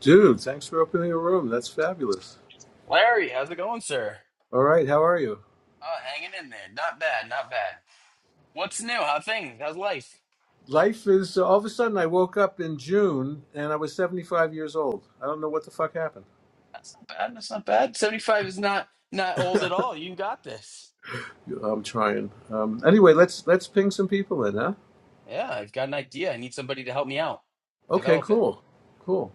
Dude, thanks for opening a room. That's fabulous. Larry, how's it going, sir? All right, how are you? Oh, hanging in there. Not bad, not bad. What's new? How things? How's life? Life is all of a sudden I woke up in June and I was 75 years old. I don't know what the fuck happened. That's not bad. That's not bad. Seventy-five is not not old at all. You got this. I'm trying. Um, anyway, let's let's ping some people in, huh? Yeah, I've got an idea. I need somebody to help me out. Okay, Develop it. cool. Cool.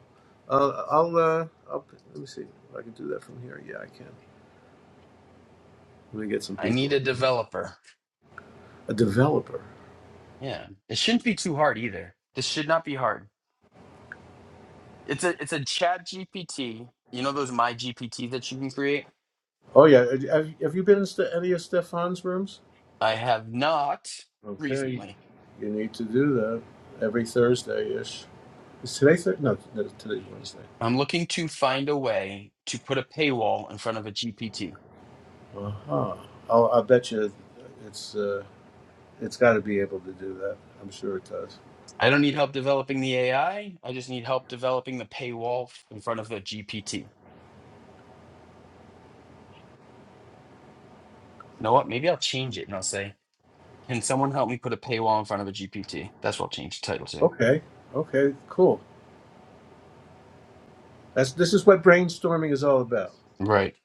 Uh, I'll uh I'll, let me see if I can do that from here. Yeah, I can. Let me get some I need people a in. developer. A developer. Yeah, it shouldn't be too hard either. This should not be hard. It's a it's a Chat GPT. You know those My GPT that you can create. Oh yeah, have, have you been in Ste- any of Stefan's rooms? I have not Okay. recently. You need to do that every Thursday ish. Is today Thursday? No, no, today's Wednesday. I'm looking to find a way to put a paywall in front of a GPT Uh huh. Oh, I bet you it's uh, it's got to be able to do that. I'm sure it does. I don't need help developing the AI. I I just need help developing the paywall f- in front of a GPT. You know what? Maybe I'll change it and I'll say, Can someone help me put a paywall in front of a GPT? That's what I'll change the title to. Okay. Okay. Cool. That's this is what brainstorming is all about. Right.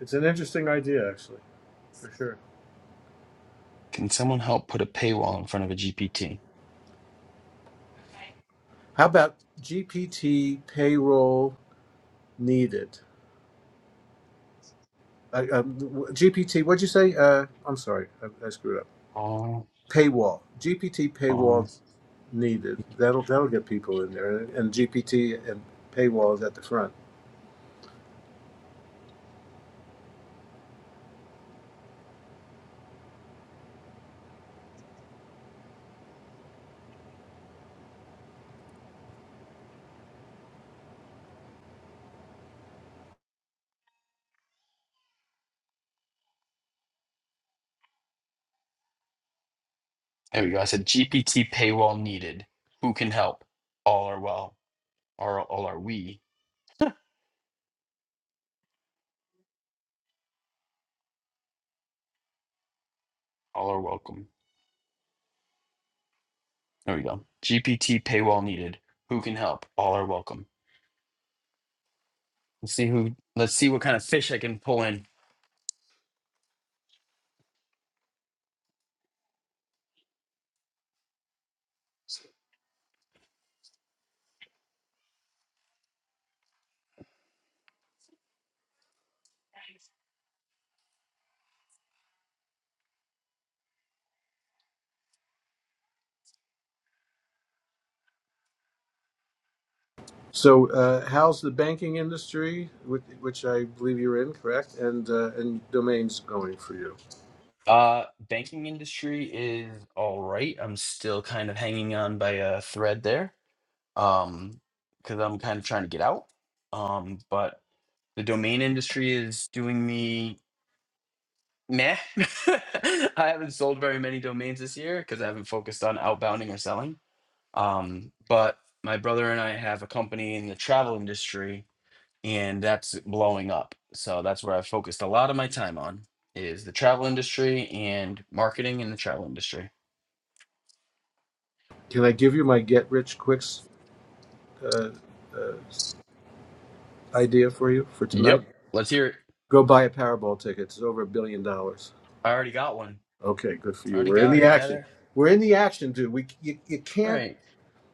It's an interesting idea, actually, for sure. Can someone help put a paywall in front of a GPT? How about GPT payroll needed? Uh, um, GPT, what'd you say? Uh, I'm sorry, I, I screwed up. All Paywall. GPT on. paywall needed. That'll that'll get people in there, and, and GPT and paywall is at the front. There we go. I said GPT paywall needed. Who can help? All are well. All, all are we. All are welcome. There we go. GPT paywall needed. Who can help? All are welcome. Let's see who. Let's see what kind of fish I can pull in So, uh, how's the banking industry, which, which I believe you're in, correct? And uh, and domains going for you? Uh, banking industry is all right. I'm still kind of hanging on by a thread there. Um, because I'm kind of trying to get out. Um, but the domain industry is doing me meh. I haven't sold very many domains this year because I haven't focused on outbounding or selling. Um, but my brother and I have a company in the travel industry, and that's blowing up. So that's where I focused a lot of my time on is the travel industry and marketing in the travel industry. Can I give you my get rich quicks uh, uh, idea for you for tonight? Yep. Let's hear it. Go buy a Powerball ticket. It's over a billion dollars. I already got one. Okay, good for I you. already We're in got the it. You action. gotta We're in the action, dude. We you, you can't right.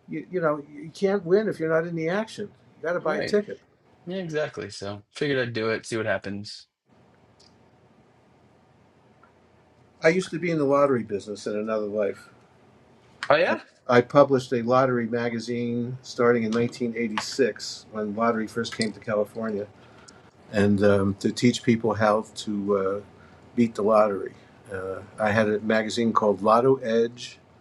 you, you know you can't win if you're not in the action. You got to buy a Right. ticket. Yeah, exactly. So figured I'd do it, see what happens. I used to be in the lottery business in another life. Oh I, yeah? I published a lottery magazine starting in 1986 when lottery first came to California, and um, to teach people how to uh, beat the lottery. Uh, I had a magazine called LottoEdge.com,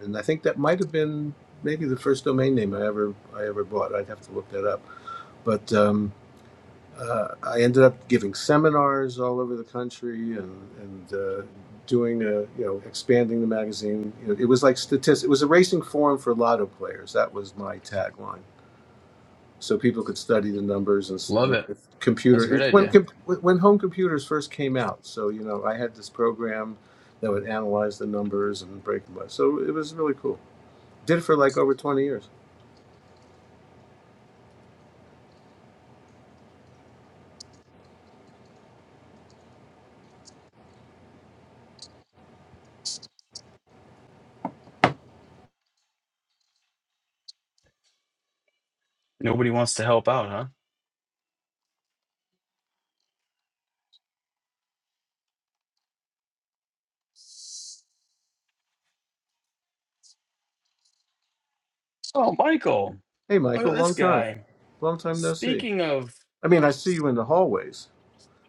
and I think that might have been maybe the first domain name I ever I ever bought. I'd have to look that up, but. um, uh, I ended up giving seminars all over the country and and uh, doing a, you know expanding the magazine. You know, it was like statistics. It was a racing forum for lotto players. That was my tagline. So people could study the numbers and, s- Love and it. with That's computer. a It great was when idea. com- when home computers first came out. So you know I had this program that would analyze the numbers and break them. up. So it was really cool. Did it for like over twenty years. Nobody wants to help out, huh? Oh Michael, Hey look at Michael, this long time, guy. long time no see. Speaking of I mean I see you in the hallways.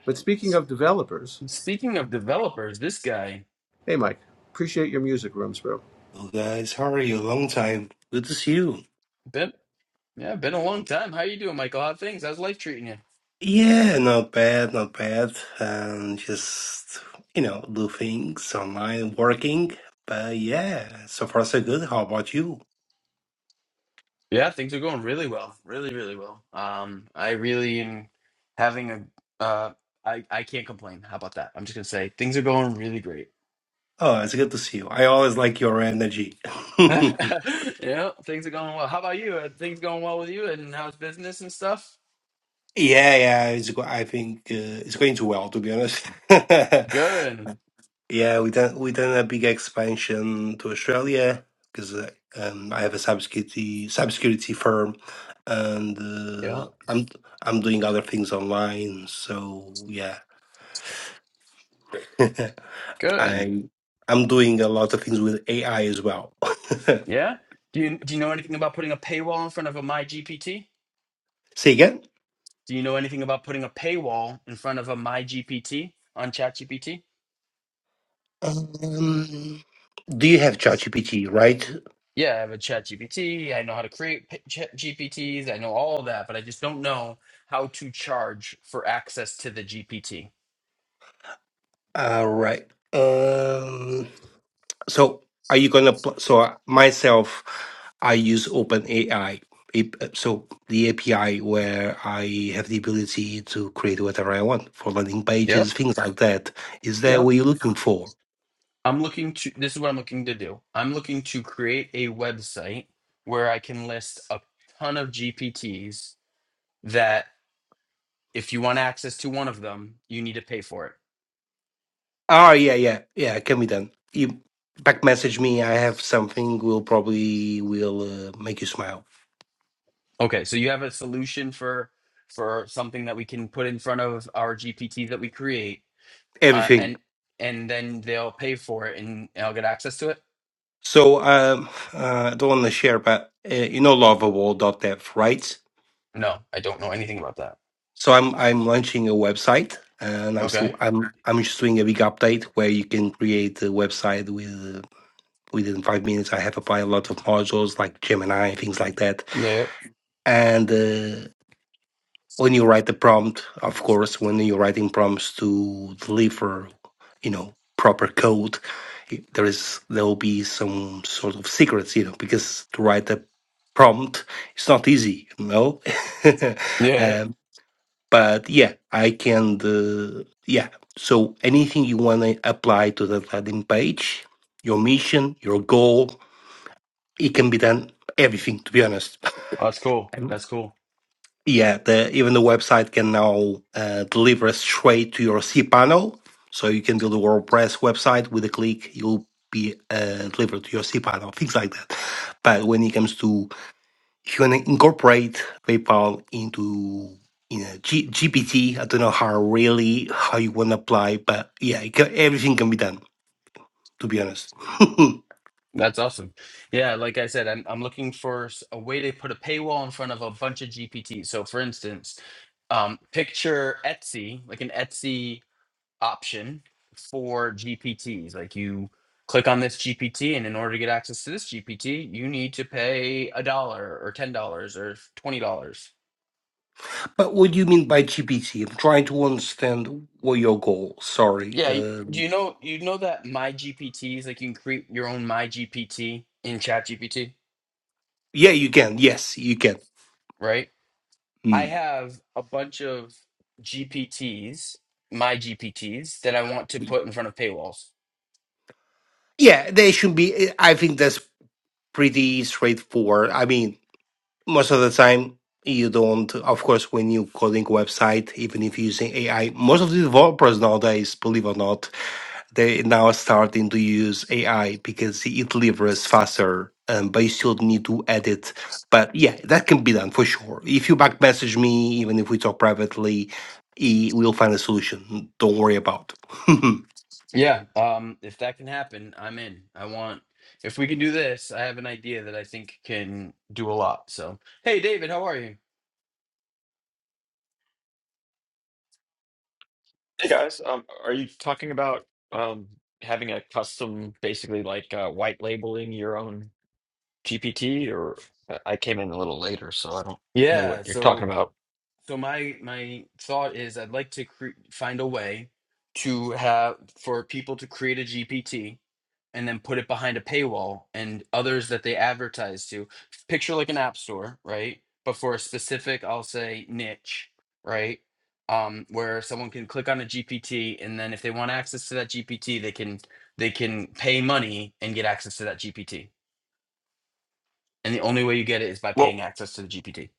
But speaking s- of developers, speaking of developers, this guy. hey Mike, appreciate your music rooms, bro. Hello guys, how are you? Long time. Good to see you. Been yeah, been a long time. How you doing, Michael? How are things? How's life treating you? Yeah, not bad, not bad. And just, you know, do things online, working. But yeah, so far so good. How about you? Yeah, things are going really well, really, really well. Um, I really am having a. Uh, I I can't complain. How about that? I'm just gonna say things are going really great. Oh, it's good to see you. I always like your energy. yeah, yeah, things are going well. How about you? Are things going well with you? And how's business and stuff? yeah, it's go- I think uh, it's going too well, to be honest. Good. Yeah, we done we done a big expansion to Australia because uh, um, I have a cybersecurity cybersecurity firm, and Yeah. uh, I'm I'm doing other things online. So yeah, Good. I'm I'm doing a lot of things with AI as well. Yeah. Do you do you know anything about putting a paywall in front of a MyGPT? Say again. Do you know anything about putting a paywall in front of a MyGPT on ChatGPT? Um, do you have ChatGPT? Right. Yeah, I have a chat GPT. I know how to create p- chat GPTs. I know all of that, but I just don't know how to charge for access to the GPT. All right. Um. So are you gonna? pl- So I- myself, I use OpenAI. A- So the API where I have the ability to create whatever I want for landing pages, Yep. things like that. Is that what Yep. you're looking for? I'm looking to, this is what I'm looking to do. I'm looking to create a website where I can list a ton of GPTs that if you want access to one of them, you need to pay for it. Oh yeah, yeah, yeah. It can be done. You back message me. I have something. Will probably will uh, make you smile. Okay. So you have a solution for, for something that we can put in front of our GPTs that we create uh, Everything. and and then they'll pay for it and I'll get access to it? So um, uh, I don't want to share, but uh, you know, lovable dot dev, right? No, I don't know anything about that. So I'm I'm launching a website, and I'm Okay. still I'm I'm just doing a big update where you can create a website with uh, within five minutes. I have applied a lot of modules like Gemini, things like that. Yeah. And uh, when you write the prompt, of course, when you're writing prompts to deliver, you know, proper code, it- there is there will be some sort of secrets, you know, because to write a prompt it's not easy you know Yeah. yeah. um, but yeah, I can uh, yeah. So anything you want to apply to that landing page, your mission, your goal, it can be done. Everything, to be honest. Oh, that's cool. And That's cool. yeah, the, even the website can now uh, deliver straight to your cPanel, so you can build a WordPress website with a click. You'll be uh, delivered to your cPanel, things like that. But when it comes to you can incorporate PayPal into you know G- GPT. I don't know how really how you want to apply, but yeah, it can, everything can be done. To be honest, That's awesome. Yeah, like I said, I'm I'm looking for s- a way to put a paywall in front of a bunch of GPT. So for instance, um, picture Etsy, like an Etsy option for GPTs. Like you click on this GPT, and in order to get access to this GPT, you need to pay a dollar or ten dollars or twenty dollars but what do you mean by GPT? I'm trying to understand what your goal. Sorry. Yeah, y- do Um, you know you know that my GPTs like you can create your own my GPT in Chat GPT, yeah, you can. Yes, you can. right? I Mm. have a bunch of GPTs, my GPTs that I want to put in front of paywalls. Yeah, they should be. I think that's pretty straightforward. I mean, most of the time you don't of course when you coding website even if you're using ai most of the developers nowadays believe or not They now starting to use AI because it delivers faster, and but you still need to edit. But yeah, that can be done for sure. If you back message me, even if we talk privately, we will find a solution. Don't worry about. Yeah, um if that can happen, I'm in. I want if we can do this, I have an idea that I think can do a lot. So, hey David, how are you? Hey guys, um, are you talking about um, having a custom, basically like uh, white labeling your own GPT? Or I I came in a little later, so I don't know what Yeah, you're so talking about. So my my thought is I'd like to cre- find a way to have for people to create a GPT and then put it behind a paywall and others that they advertise to. Picture like an app store, right? But for a specific, I'll say niche, right? Um, where someone can click on a GPT and then if they want access to that GPT, they can they can pay money and get access to that GPT. And the only way you get it is by paying Well, access to the GPT.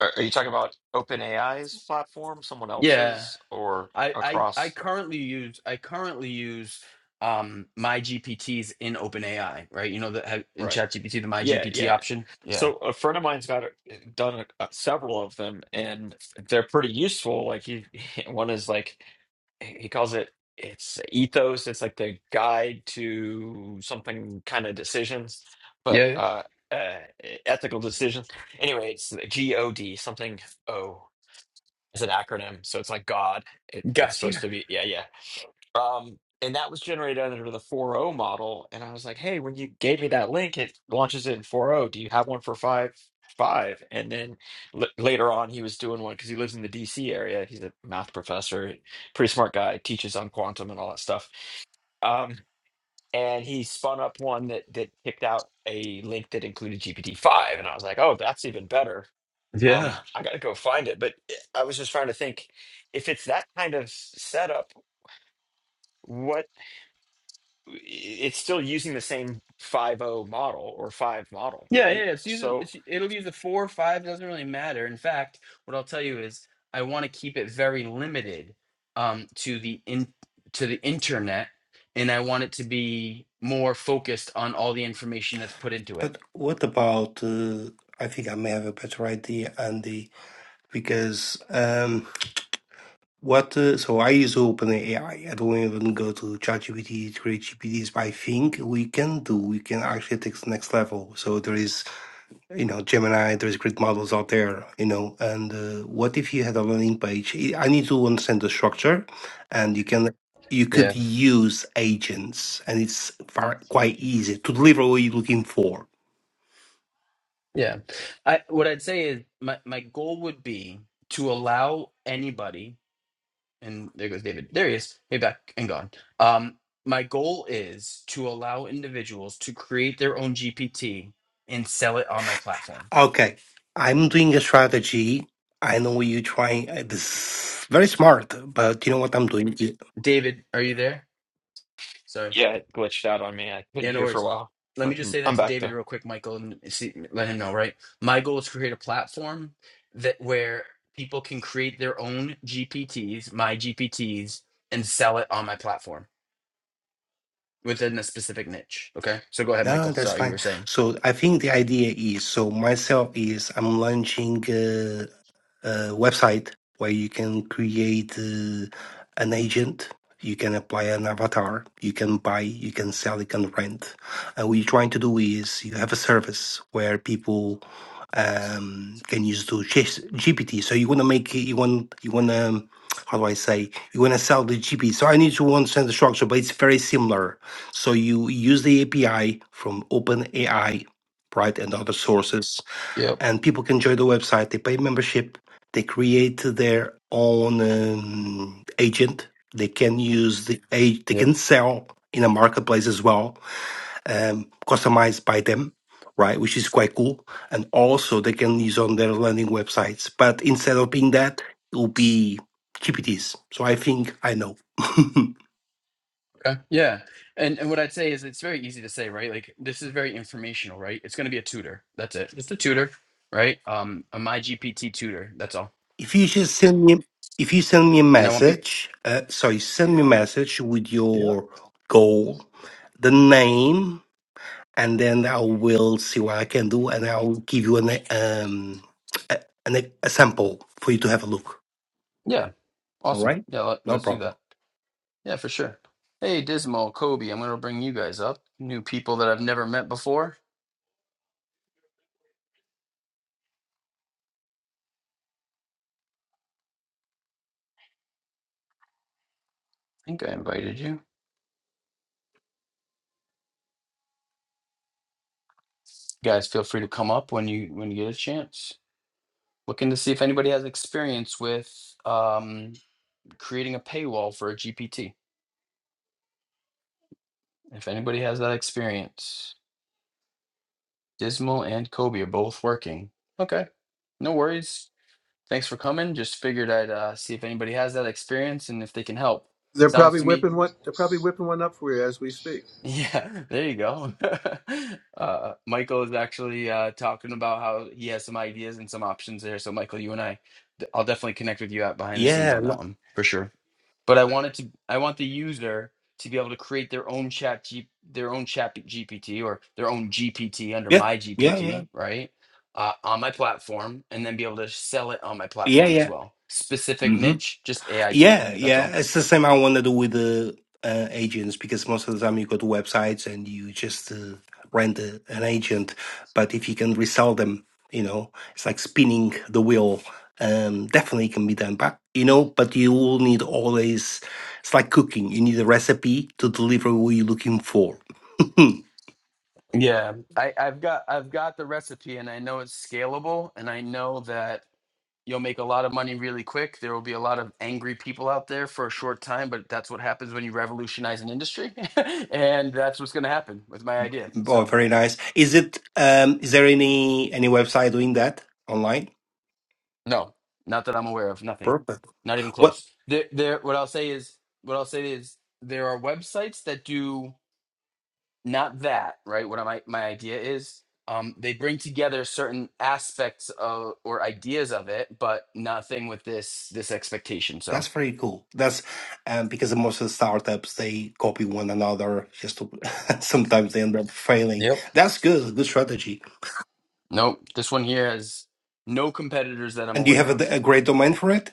are are you talking about OpenAI's platform, someone Yeah. else's, or I I I across? currently use I currently use um my GPTs in OpenAI, right? You know the ha- in Right. ChatGPT the my Yeah, GPT yeah. option. Yeah. So a friend of mine's got uh, done uh, several of them, and they're pretty useful. Like he, one is like. he calls it it's ethos it's like the guide to something kind of decisions but Yeah. yeah. uh, uh e, ethical decisions anyway it's the god something o is an acronym so it's like god it, it's supposed Gotcha. to be yeah yeah um, and that was generated under the 4.0 model. And I was like, hey, when you gave me that link, it launches it in 4.0. Do you have one for 5.5? And then l later on, he was doing one because he lives in the DC area. He's a math professor, pretty smart guy, teaches on quantum and all that stuff. Um, and he spun up one that that picked out a link that included GPT-5. And I was like, oh, that's even better. Um, Yeah. I got to go find it. But eh, I was just trying to think if it's that kind of setup, what? it's still using the same five O model or 5 model, Yeah, yeah. right? It's using So it's, it'll use a four or five, doesn't really matter. In fact, what I'll tell you is I want to keep it very limited um to the in to the internet and I want it to be more focused on all the information that's put into But it. what about? Uh, I think I may have a better idea, Andy, because um, what? Uh, so I use OpenAI. I don't even go to ChatGPT, create GPTs. But I think we can do. We can actually take the next level. So there is you know gemini there's great models out there you know and uh, what if you had a landing page i I need to understand the structure and you can you could use agents and it's far, quite easy to deliver what you're looking for Yeah. I what I'd say is my my goal would be to allow anybody, and there goes David. There he is. Hey, back and gone. Um, my goal is to allow individuals to create their own GPT and sell it on my platform. okay i'm doing a strategy i know you're trying uh, this is very smart but you know what i'm doing Yeah. David, are you there? Sorry. yeah, it glitched out on me. I couldn't Yeah, no hear for a worries. while. Let me just say that I'm to back David though. real quick, Michael, and see, let him know, right? My goal is to create a platform that where people can create their own GPTs, my GPTs, and sell it on my platform within a specific niche. Okay. So go ahead, no Michael. that's Sorry, you fine were saying. so i think the idea is so myself is i'm launching uh, uh, website where you can create uh, an agent, you can apply an avatar, you can buy, you can sell, you can rent. And what you're trying to do is you have a service where people um, can use to chase GPT. So you want to make it- you want you want to how do I say you want to sell the GPT. So I need to understand the structure, but it's very similar. So you use the API from OpenAI, right, and other sources Yep. and people can join the website. They pay membership. They create their own um, agent. They can use the age. They can Yep. sell in a marketplace as well, um, customized by them, right? Which is quite cool. And also they can use on their landing websites. But instead of being that, it will be GPTs. So I think I know. Okay. Yeah. And and what I'd say is it's very easy to say, right? Like this is very informational, right? It's gonna be a tutor. That's it. Just a tutor, right? Um a myGPT tutor, that's all. If you just send me, if you send me a And I want people message, uh, sorry, send me a message with Yeah. your goal, the name, and then I will see what I can do, and I'll give you an um a, an, e, a sample for you to have a look. Yeah, All awesome. right, Yeah, let, no let's do problem. that. Yeah, for sure. Hey, Dismal, Kobe, I'm gonna bring you guys up. New people that I've never met before. I think I invited you. Guys, feel free to come up when you when you get a chance. Looking to see if anybody has experience with um, creating a paywall for a GPT. If anybody has that experience, Dismal and Kobe are both working. Okay, no worries. Thanks for coming. Just figured I'd uh, see if anybody has that experience and if they can help. They're Sounds probably to me. whipping one. They're probably whipping one up for you as we speak. Yeah, there you go. uh, Michael is actually uh, talking about how he has some ideas and some options there. So, Michael, you and I, I'll definitely connect with you out behind the scenes Yeah, on that no- one for sure. but I wanted to I want the user to be able to create their own chat G, their own chat GPT or their own GPT under yeah, my yeah, yeah, GPT, right? Uh, on my platform and then be able to sell it on my yeah, platform as yeah. well. Specific Mm-hmm. niche, just AI tutor. Yeah, That's yeah. all. It's the same I want to do with the uh, agents because most of the time you go to websites and you just uh, rent a, an agent. But if you can resell them, you know, it's like spinning the wheel. Um, definitely can be done, but you know, but you will need always. It's like cooking. You need a recipe to deliver what you're looking for. Yeah. I, I've got I've got the recipe and I know it's scalable and I know that you'll make a lot of money really quick. There will be a lot of angry people out there for a short time, but that's what happens when you revolutionize an industry. and that's what's gonna happen with my idea. oh, So very nice. Is it? Um, is there any any website doing that online? No, not that I'm aware of. Nothing. Perfect. Not even What? close. There, there. What I'll say is, what I'll say is, there are websites that do not that. Right. What my my idea is, um, they bring together certain aspects of or ideas of it, but nothing with this this expectation. So, That's very cool. That's um, because most of the startups they copy one another. Just to, sometimes they end up failing. Yep. That's good. Good strategy. nope. This one here has no competitors that I'm And you have aware of. a, a great domain for it.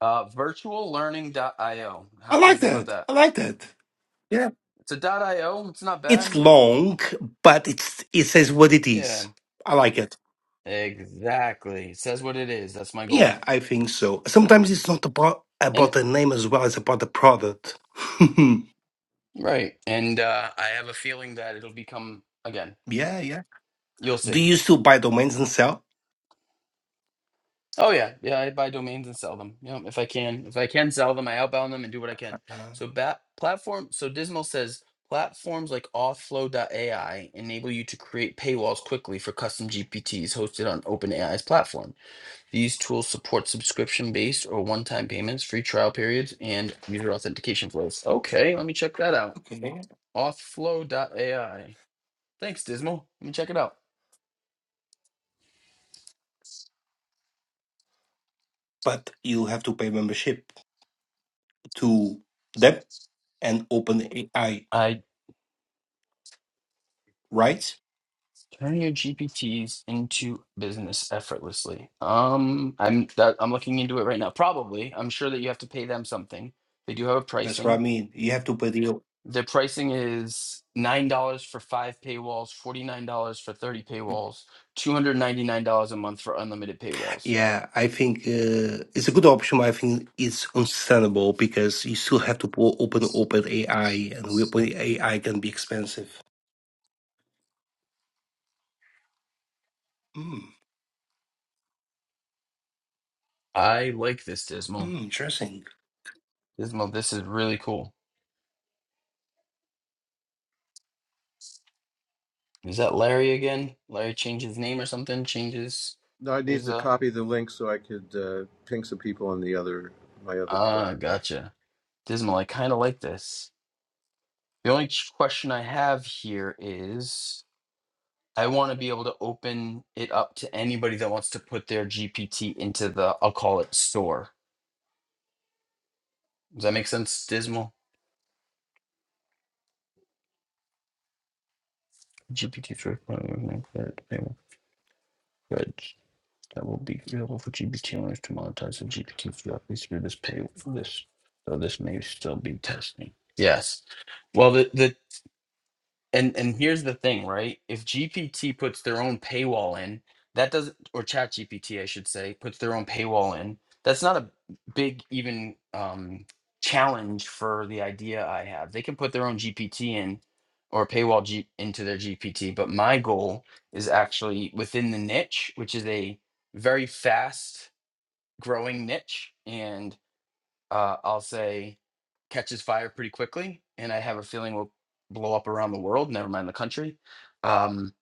Uh, virtuallearning.io. How, I what do you like think about that. that? I like that. Yeah. It's a dot .io. It's not It's bad. long, but it's it says what it Yeah. is. I like it. Exactly. It says what it is. That's my Yeah, goal. I think so. Sometimes it's not about And about the name as well as about the product. right. And uh, I have a feeling that it'll become again. yeah, yeah. You'll Do see. you still buy domains and sell? Oh yeah, yeah. I buy domains and sell them. You know, if I can, if I can sell them, I outbound them and do what I can. Uh, So bat platform. So Dismal says platforms like AI enable you to create paywalls quickly for custom GPTs hosted on OpenAI's platform. These tools support subscription-based or one-time payments, free trial periods, and user authentication flows. Okay, let me check that out. okay. AI. Thanks, Dismal. Let me check it out. But you have to pay membership. to them and open AI, I right? turn your GPTs into business effortlessly. Um, I'm that I'm looking into it right now. Probably, I'm sure that you have to pay them something. They do have a That's what I pricing. mean. You have to pay the Their pricing is nine dollars for five paywalls, forty nine dollars for thirty paywalls, two hundred ninety nine dollars a month for unlimited paywalls. yeah. I think uh, it's a good option, but I think it's understandable because you still have to pull open open AI, and we open AI can be expensive. Mm, I like this, Dismal. mm, interesting. Dismal, this is really cool. Is that Larry again? Larry changed his name or something? Changes No, I need his. to uh. copy the link so I could uh, ping some people on the other my other device. Ah, gotcha. Dismal, I kind of like this. The only ch- question I have here is I want to be able to open it up to anybody that wants to put their GPT into the, I'll call it store. Does that make sense, Dismal? GPT 3.1 Bridge. That will be available for GPT owners to monetize the GPT directly through this pay for this. So this may still be testing. Yes. Well, the, the And and here's the thing, right? If GPT puts their own paywall in, that doesn't or Chat GPT, I should say, puts their own paywall in, that's not a big even um challenge for the idea I have. They can put their own GPT in or paywall G, into their GPT, but my goal is actually within the niche, which is a very fast growing niche and uh, I'll say catches fire pretty quickly, and I have a feeling will blow up around the world, never mind the country. Um,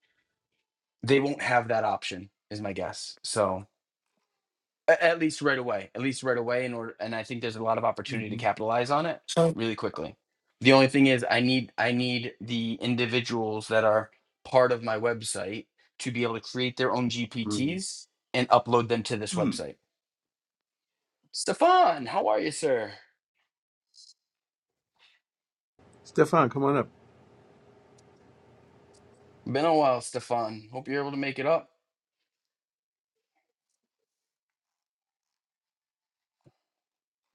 they won't have that option, is my guess. So a- at least right away, at least right away, in order, and I think there's a lot of opportunity to hmm capitalize on it So really quickly. The only thing is, I need I need the individuals that are part of my website to be able to create their own mm, GPTs and upload them to this mm. website. Stefan, how are you, sir? Stefan, come on up. Been a while, Stefan. Hope you're able to make it up.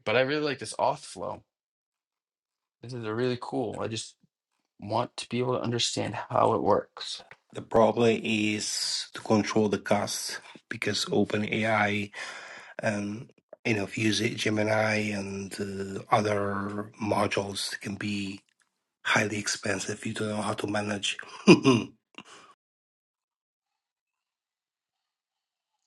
But I really like this auth flow. This is a really cool. I just want to be able to understand how it works. the problem is to control the cost because open AI and you know, if you use it Gemini and uh, other modules can be highly expensive if you don't know how to manage.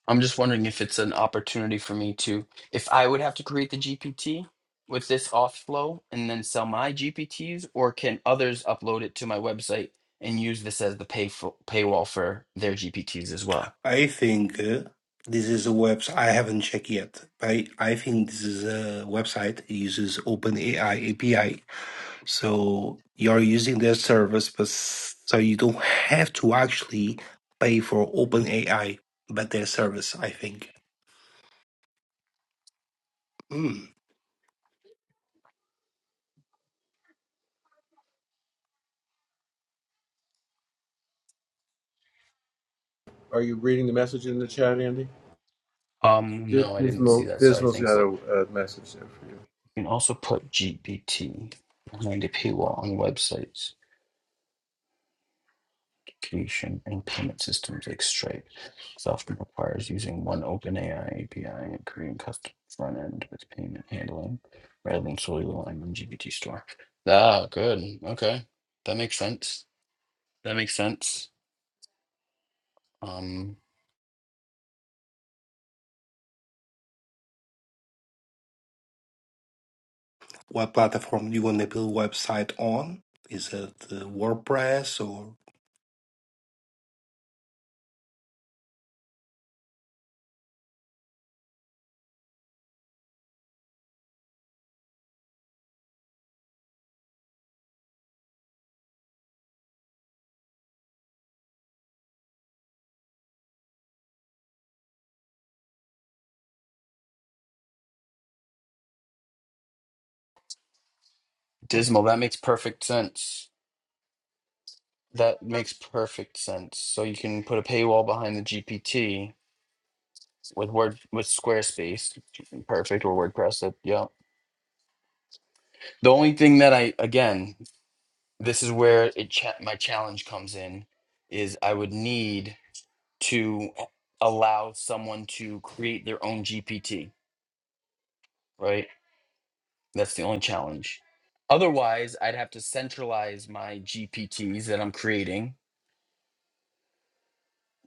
I'm just wondering if it's an opportunity for me to, if I would have to create the GPT with this auth flow and then sell my GPTs, or can others upload it to my website and use this as the pay for, paywall for their GPTs as well? I think uh, this is a website I haven't checked yet. I I think this is a website that uses OpenAI API, so you're using their service, but s- so you don't have to actually pay for OpenAI, but their service. I think. Mm. Are you reading the message in the chat, Andy? Um, Dis- no, I didn't see Dismal, that. Sorry, Dismal's got thanks a lot. a, a message there for you. You can also put GPT behind a paywall on websites. communication and payment systems like Stripe. This often requires using one OpenAI API and creating custom front end with payment handling rather than solely relying on GPT Store. Ah, good. Okay. That makes sense. That makes sense. Um, What platform do you want to build website on? Is it uh, WordPress or Dismal, that makes perfect sense. That makes perfect sense. So you can put a paywall behind the GPT with Word with Squarespace. Perfect or WordPress. That, yeah. The only thing that I again this is where it cha- my challenge comes in is i would need to allow someone to create their own gpt right that's the only challenge otherwise i'd have to centralize my gpts that i'm creating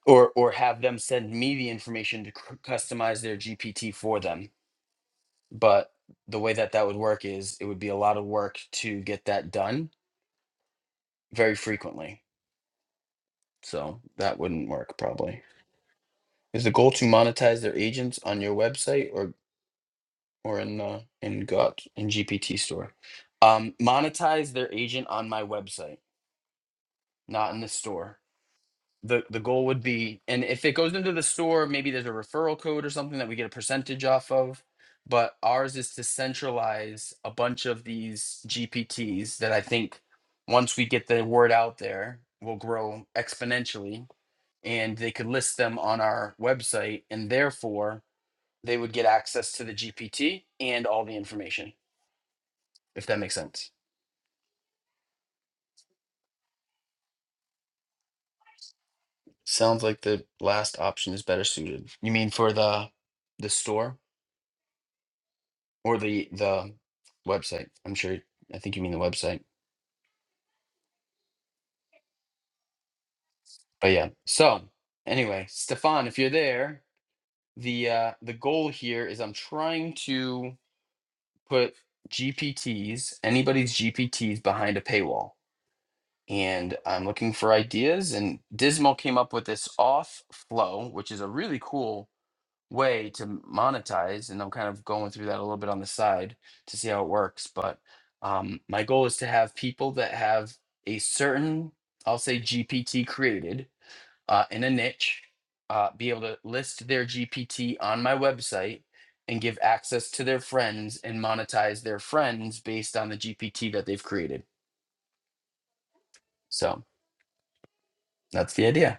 or or have them send me the information to cr- customize their gpt for them but the way that that would work is it would be a lot of work to get that done very frequently so that wouldn't work probably Is the goal to monetize their agents on your website or or in the in Got in GPT store? Um, monetize their agent on my website, not in the store. The the goal would be, and if it goes into the store, maybe there's a referral code or something that we get a percentage off of. But ours is to centralize a bunch of these GPTs that I think once we get the word out there will grow exponentially, and they could list them on our website, and therefore they would get access to the GPT and all the information, if that makes sense. Sounds like the last option is better suited. You mean for the the store or the the website? I'm sure. I think you mean the website. But yeah. So anyway, Stefan, if you're there, the uh, the goal here is I'm trying to put GPTs, anybody's GPTs, behind a paywall and I'm looking for ideas. And Dismal came up with this off flow, which is a really cool way to monetize and i'm kind of going through that a little bit on the side to see how it works but um, my goal is to have people that have a certain i'll say gpt created uh, in a niche uh, be able to list their gpt on my website and give access to their friends and monetize their friends based on the gpt that they've created so that's the idea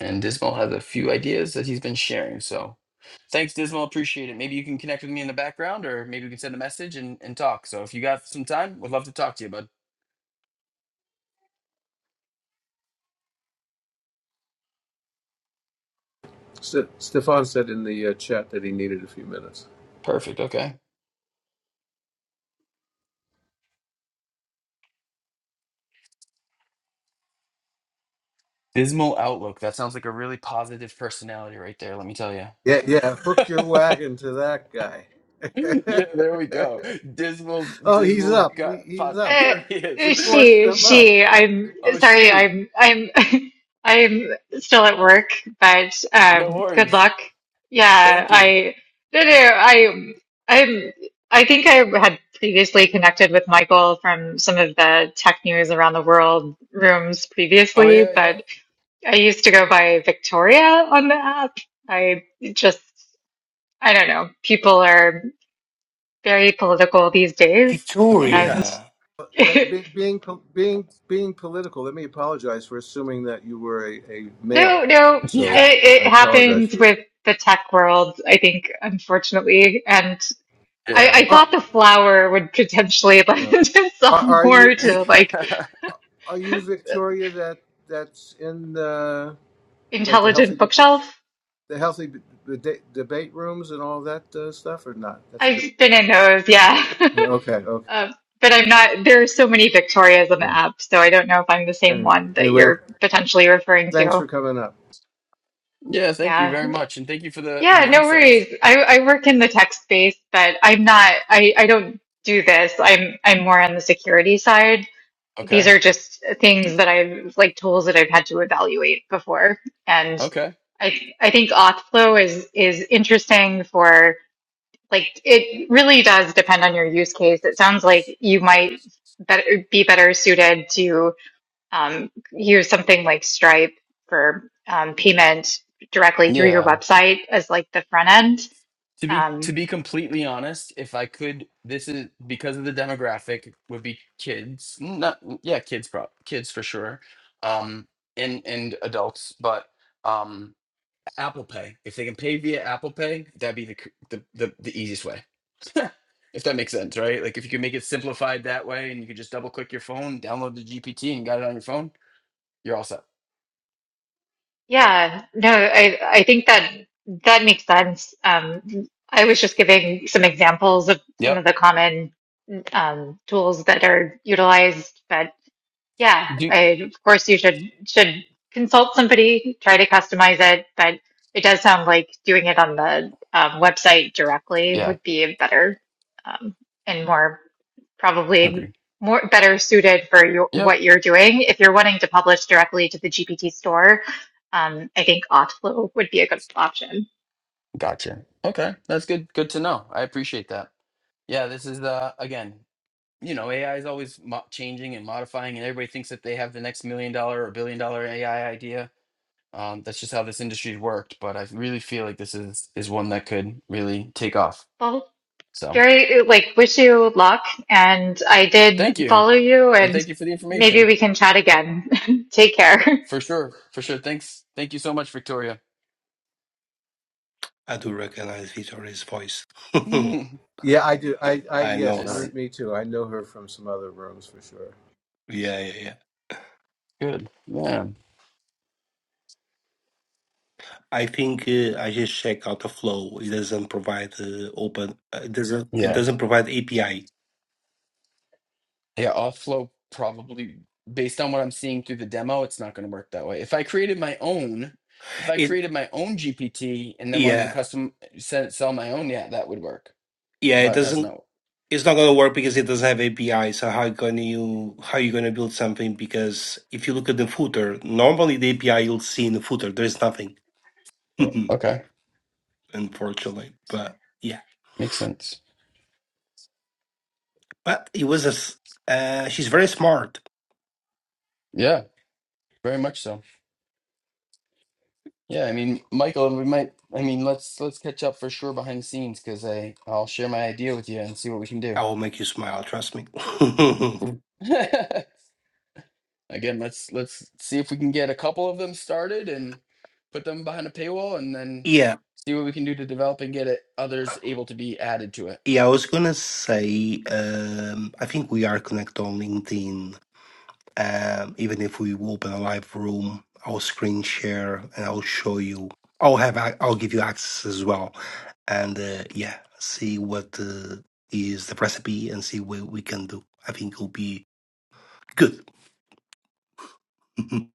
And Dismal has a few ideas that he's been sharing. So thanks, Dismal. Appreciate it. Maybe you can connect with me in the background or maybe we can send a message and, and talk. So if you got some time, would love to talk to you, bud. Ste- Stefan said in the uh, chat that he needed a few minutes. Perfect. Okay. Dismal Outlook. That sounds like a really positive personality right there, let me tell you. Yeah, yeah. Hook your wagon to that guy. yeah, there we go. Dismal, oh, he's dismal up. got He, he's pop. up. Uh, Here he is. We forced she, him up. she, I'm Oh, sorry, she. I'm, I'm, I'm still at work, but No um, good worries. luck. Yeah, Thank you. I, no, no, I, I'm, I think I had previously connected with Michael from some of the tech news around the world rooms Oh, previously, yeah, but I used to go by Victoria on the app. I just, I don't know, people are very political these days, yeah. and Victoria? let, be, being being being political, let me apologize for assuming that you were a, a male. No, no, So Yeah. it, it I apologize happens for that. with the tech world, I think, unfortunately. And I, Yeah. I Ah, thought the flower would potentially lend yeah. Are, itself are you more to like Yeah. are you Victoria that that's in the like the intelligent healthy bookshelf. the healthy debate, debate rooms and all that uh, stuff or not? That's a I've been different. in those, yeah. Yeah, okay. Okay. uh, but I'm not, there are so many Victorias on the Yeah. app, so I don't know if I'm the same Any one that anyway, you're potentially referring thanks to. for coming up. Yeah, thank you Yeah. very much, and thank you for the Yeah, the no insights. worries. I, I work in the tech space, but I'm not, I, I don't do this. I'm, I'm more on the security side. these Okay. are just things that I've like tools that I've had to evaluate before. And Okay. I I think Authflow is is interesting for like it really does depend on your use case. It sounds like you might better be better suited to um, use something like Stripe for um, payment directly through your Yeah. website as like the front end. To be to Um, be completely honest, if I could, this is because of the demographic would be kids. Not yeah, kids pro kids for sure. Um and and adults, but um Apple Pay. If they can pay via Apple Pay, that'd be the c- the the, the easiest way. if that makes sense, right? Like if you can make it simplified that way and you can just double click your phone, download the GPT and got it on your phone, you're all set. Yeah, no, I I think that that makes sense. Um, I was just giving some examples of some of Yep. the common um, tools that are utilized, but yeah, Do I, of course you should should consult somebody, try to customize it, but it does sound like doing it on the um, website directly yeah. would be a better um, and more Agree. probably more better suited for your, Yep. what you're doing. If you're wanting to publish directly to the GPT store, um, I think Authflow would be a good option. Gotcha. Okay. That's good. Good to know. I appreciate that. Yeah, this is uh again, you know, AI is always mo- changing and modifying, and everybody thinks that they have the next million dollar or billion dollar AI idea. Um, that's just how this industry's worked. But I really feel like this is is one that could really take off. Well, So very like wish you luck, and I thank did you, follow you, and and thank you for the maybe information. we can chat again. Take care. For sure, for sure. Thanks. Thank you so much, Victoria. I do recognize Victoria's voice. I Yeah, I do. I, I I know yes, me, see. her. me too. I know her from some other rooms for sure. Yeah, yeah, yeah. Good. Yeah. I think uh, I just check out the flow. It doesn't provide uh, open. Uh, it doesn't. Yeah. It doesn't provide API. Yeah, Offlow probably, based on what I'm seeing through the demo, it's not going to work that way. If I created my own, if I It. created my own GPT and then wanted to Yeah, custom sell, sell my own, yeah, that would work. yeah. It But that's doesn't. not. It's not gonna work because it doesn't have API. So how can you how you gonna build something? Because if you look at the footer, normally the API you'll see in the footer, there's nothing, Yeah. Okay. unfortunately. But yeah, Makes sense. but it was a. s- Uh, she's very smart. Yeah, very much so. Yeah, I mean, Michael, we might. I mean, let's let's catch up for sure behind the scenes because I I'll share my idea with you and see what we can I do. will make you smile. Trust me. again let's let's see if we can get a couple of them started and put them behind a paywall and then yeah, see what we can do to develop and get it others able to be added to it Yeah, I was gonna say, um, I think we are connected on LinkedIn. Um, even if we open a live room, I'll screen share and I'll show you. I'll have, ac- I'll give you access as well, and uh, yeah, see what uh, is the recipe and see what we can do. I think it'll be good.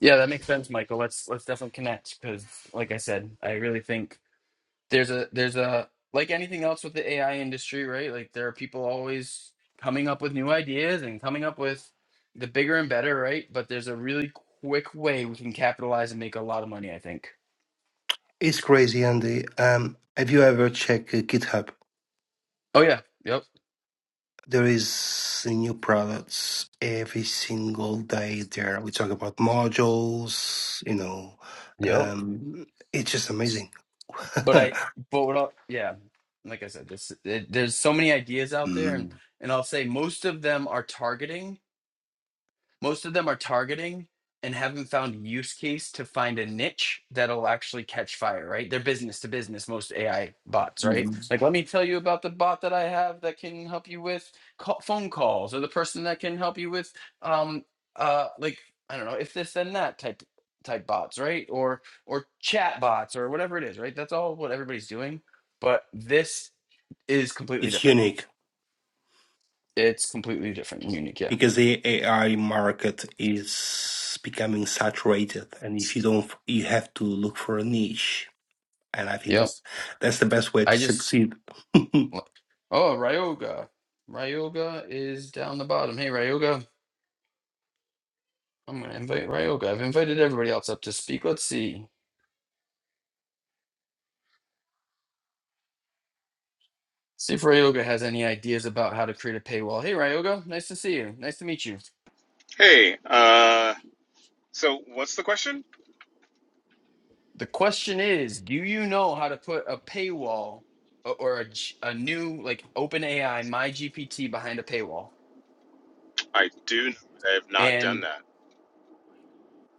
yeah that makes sense michael let's let's definitely connect because like i said i really think there's a there's a like anything else with the ai industry right like there are people always coming up with new ideas and coming up with the bigger and better right but there's a really quick way we can capitalize and make a lot of money i think it's crazy, Andy. Um, have you ever checked uh, GitHub? oh yeah yep There is new products every single day there. We talk about modules, you know, Yep. um, it's just amazing. but I, but what I, yeah, like I said, this, it, there's so many ideas out there, and Mm. and I'll say most of them are targeting. Most of them are targeting and haven't found use case to find a niche that'll actually catch fire, right? They're business to business, most AI bots, right? Mhm. Like, let me tell you about the bot that I have that can help you with call, phone calls or the person that can help you with, um, uh, like, I don't know, if this, then that type type bots, right? Or or chat bots or whatever it is, right? That's all what everybody's doing. But this is completely It's different. unique It's completely different and unique. Yeah. because the AI market is becoming saturated, and if you don't, you have to look for a niche. And I think Yep. that's that's the best way to I just succeed. What? Oh, Ryoga. Ryoga is down the bottom. Hey, Ryoga. I'm going to invite Ryoga. I've invited everybody else up to speak. Let's see. See if Ryoga has any ideas about how to create a paywall. Hey, Ryoga. Nice to see you. Nice to meet you. Hey, uh, so what's the question? The question is Do you know how to put a paywall o- or a, g- a new, like OpenAI, my GPT behind a paywall? I do know I have not done And that.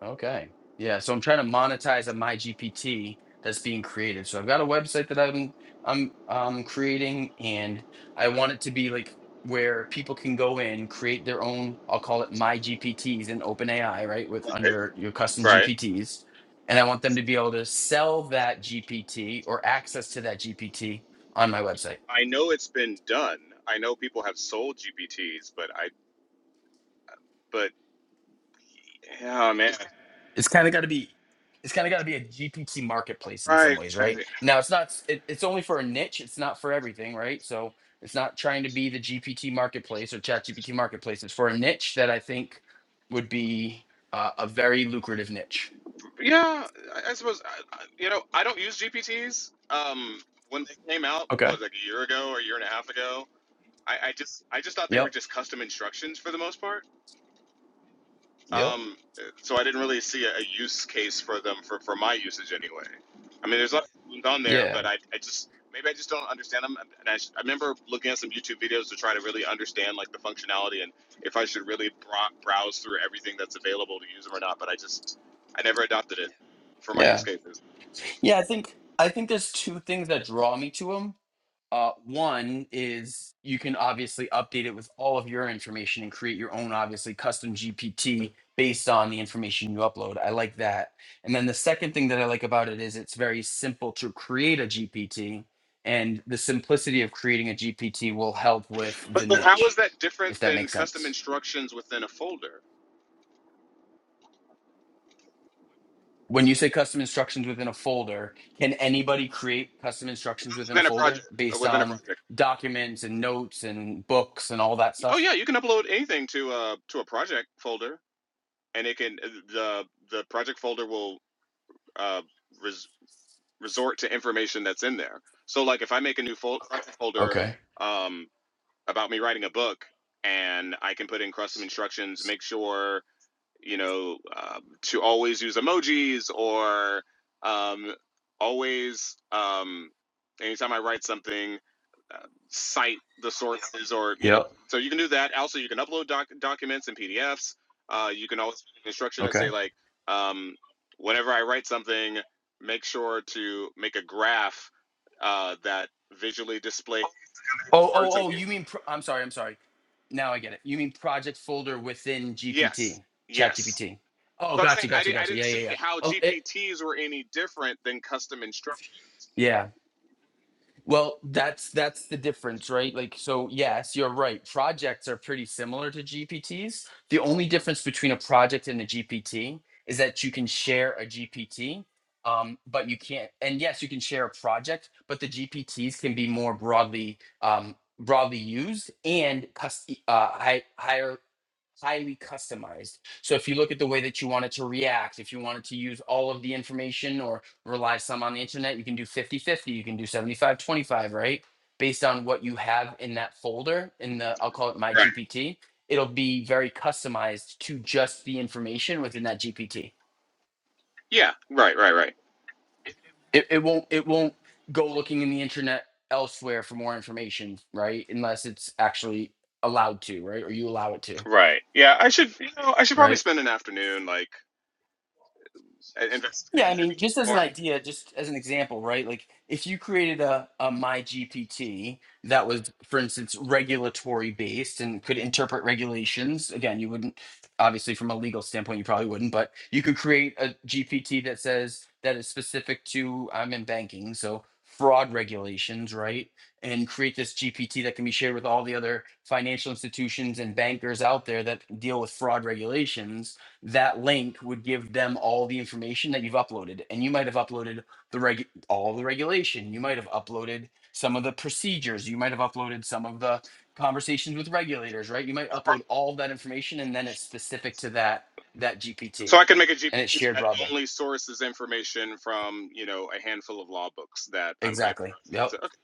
Okay. Yeah. So I'm trying to monetize a my GPT that's being created. So I've got a website that I'm I'm um creating and I want it to be like where people can go in, create their own, I'll call it my GPTs in OpenAI, right? With Right. under your custom Right. GPTs. And I want them to be able to sell that GPT or access to that GPT on my website. I know it's been done. I know people have sold GPTs, but I, but yeah, man. it's kind of got to be it's kind of got to be a gpt marketplace in some Right. ways right right. now it's not s- it, it's only for a niche it's not for everything right so it's not trying to be the gpt marketplace or chat gpt marketplace it's for a niche that i think would be uh, a very lucrative niche Yeah, I, I suppose, I, I, you know, I don't use GPTs. Um, when they came out, okay was like a year ago or a year and a half ago, I, I just, I just thought they were yep just custom instructions for the most part. yep Um, so I didn't really see a, a use case for them for, for my usage anyway. I mean, there's lots of things on there, yeah but I, I just maybe I just don't understand them. And I, sh- I remember looking at some YouTube videos to try to really understand like the functionality and if I should really bro- browse through everything that's available to use them or not. But I just I never adopted it for my use yeah cases. yeah i think i think there's two things that draw me to them Uh, one is you can obviously update it with all of your information and create your own, obviously, custom GPT based on the information you upload. I like that. And then the second thing that I like about it is it's very simple to create a GPT, and the simplicity of creating a GPT will help with the But, but how is niche, that if different that than makes custom sense. instructions within a folder When you say custom instructions within a folder, can anybody create custom instructions within a within a folder project uh, based within a on project? documents and notes and books and all that Oh stuff? yeah, you can upload anything to uh to a project folder and it can the the project folder will uh, res, resort to information that's in there. So like if I make a new fol- project folder Okay. um, about me writing a book, and I can put in custom instructions, make sure you know, um, to always use emojis or um, always, um, anytime I write something, uh, cite the sources or, you know, Yep. so you can do that. Also, you can upload doc- documents and PDFs. Uh, you can always put an instruction that Okay. say, like, um, whenever I write something, make sure to make a graph uh, that visually displays Oh, oh, words. I oh, do. you mean, pro- I'm sorry, I'm sorry. Now I get it. You mean project folder within Yes, GPT, Chat yes. GPT. Oh, So I'm gotcha, saying I, gotcha, di- I gotcha. didn't Yeah, see yeah, yeah. how Oh, it, GPTs were any different than custom instructions. yeah. Well, that's that's the difference, right? Like so yes, you're right. Projects are pretty similar to GPTs. The only difference between a project and a GPT is that you can share a GPT, um, but you can't and yes, you can share a project, but the GPTs can be more broadly um, broadly used and cus- uh, high, higher highly customized. So if you look at the way that you want it to react, if you wanted to use all of the information or rely some on the internet, you can do fifty-fifty. you can do 75, 25, right? Based on what you have in that folder, in the, I'll call it my Right. GPT, it'll be very customized to just the information within that GPT. Yeah, right, right, right, It, it won't, it won't go looking in the internet elsewhere for more information, right? Unless it's actually allowed to, right? Or you allow it to, right. Yeah, I should, you know, I should probably right? spend an afternoon like a- Yeah, investigating I mean, just GPT as an more, idea, just as an example, right? Like if you created a, a my GPT that was, for instance, regulatory based and could interpret regulations, again, you wouldn't obviously from a legal standpoint, you probably wouldn't, but you could create a GPT that says that is specific to I'm in banking, so fraud regulations, right? And create this GPT that can be shared with all the other financial institutions and bankers out there that deal with fraud regulations that link would give them all the information that you've uploaded and you might have uploaded the reg all the regulation you might have uploaded some of the procedures you might have uploaded some of the conversations with regulators right you might upload all of that information and then it's specific to that that gpt so I can make a and it's GPT shared that broadly only sources information from you know a handful of law books that I'm hyper. exactly yep So, okay,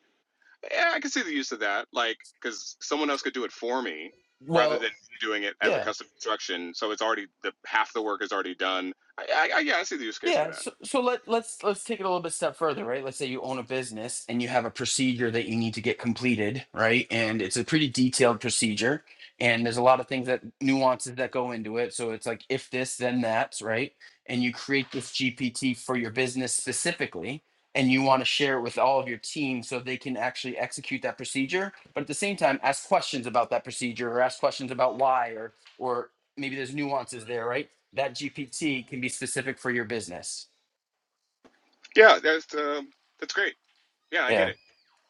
yeah, I can see the use of that, like because someone else could do it for me rather than well doing it as a yeah custom instruction. So it's already the half the work is already done. I, I, I yeah, I see the use case for Yeah, that. so so let let's let's take it a little bit step further, right? Let's say you own a business and you have a procedure that you need to get completed, right? And it's a pretty detailed procedure, and there's a lot of things that nuances that go into it. So it's like if this, then that, right? And you create this GPT for your business specifically, and you want to share it with all of your team so they can actually execute that procedure, but at the same time ask questions about that procedure or ask questions about why or or maybe there's nuances there, right? that GPT can be specific for your business. Yeah, that's um, that's great. Yeah, I get Yeah, it.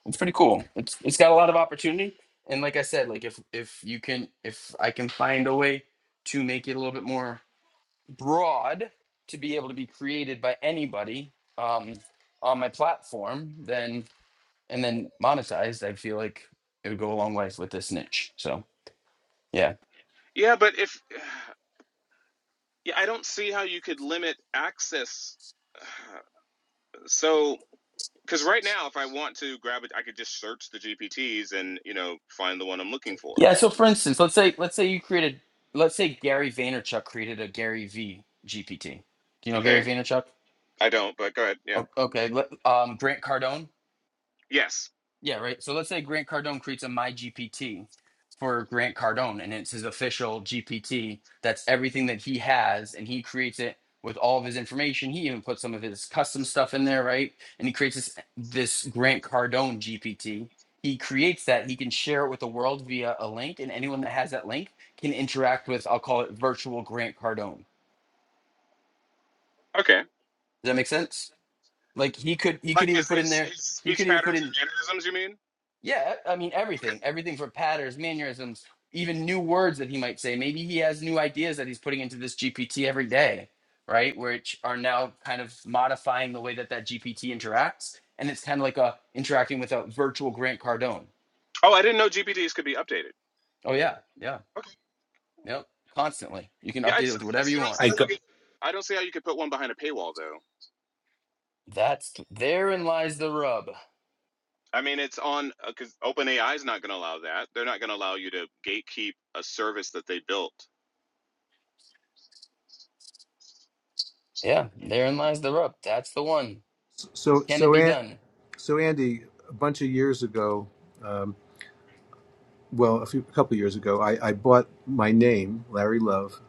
it's pretty cool. It's it's got a lot of opportunity, and like I said, like if if you can if I can find a way to make it a little bit more broad to be able to be created by anybody um, on my platform, then and then monetized, I feel like it would go a long way with this niche. So yeah, Yeah, but if yeah, I don't see how you could limit access. So, because right now, if I want to grab it, I could just search the GPTs and you know find the one I'm looking for. yeah. So for instance, let's say let's say you created let's say Gary Vaynerchuk created a Gary V GPT. Do you know Gary Okay, Vaynerchuk? I don't, but go ahead. Yeah. O- Okay, let, um, Grant Cardone. Yes. Yeah, right. So let's say Grant Cardone creates a My GPT for Grant Cardone, and it's his official GPT. That's everything that he has, and he creates it with all of his information. He even puts some of his custom stuff in there, right? And he creates this this Grant Cardone GPT. He creates that. He can share it with the world via a link, and anyone that has that link can interact with. I'll call it virtual Grant Cardone. Does Okay. that make sense? Like he could he could Like even his put in his, there. his He speech could even put patterns in and mannerisms, you mean? Yeah, I mean everything, everything from patterns, mannerisms, even new words that he might say. Maybe he has new ideas that he's putting into this GPT every day, right? Which are now kind of modifying the way that that GPT interacts, and it's kind of like a interacting with a virtual Grant Cardone. Oh, I didn't know GPTs could be updated. Oh yeah, yeah, Okay. yep, constantly. You can Yeah, I, update it s- with I whatever you still don't want. see I how you. got. Could, I don't see how you could put one behind a paywall though. That's therein lies the rub. I mean, it's on because uh, OpenAI is not going to allow that. They're not going to allow you to gatekeep a service that they built. Yeah, therein lies the rub. That's the one. So, Can it so be Aunt. done? So, Andy, a bunch of years ago, um, well, a, few, a couple of years ago, I, I bought my name, Larry Love.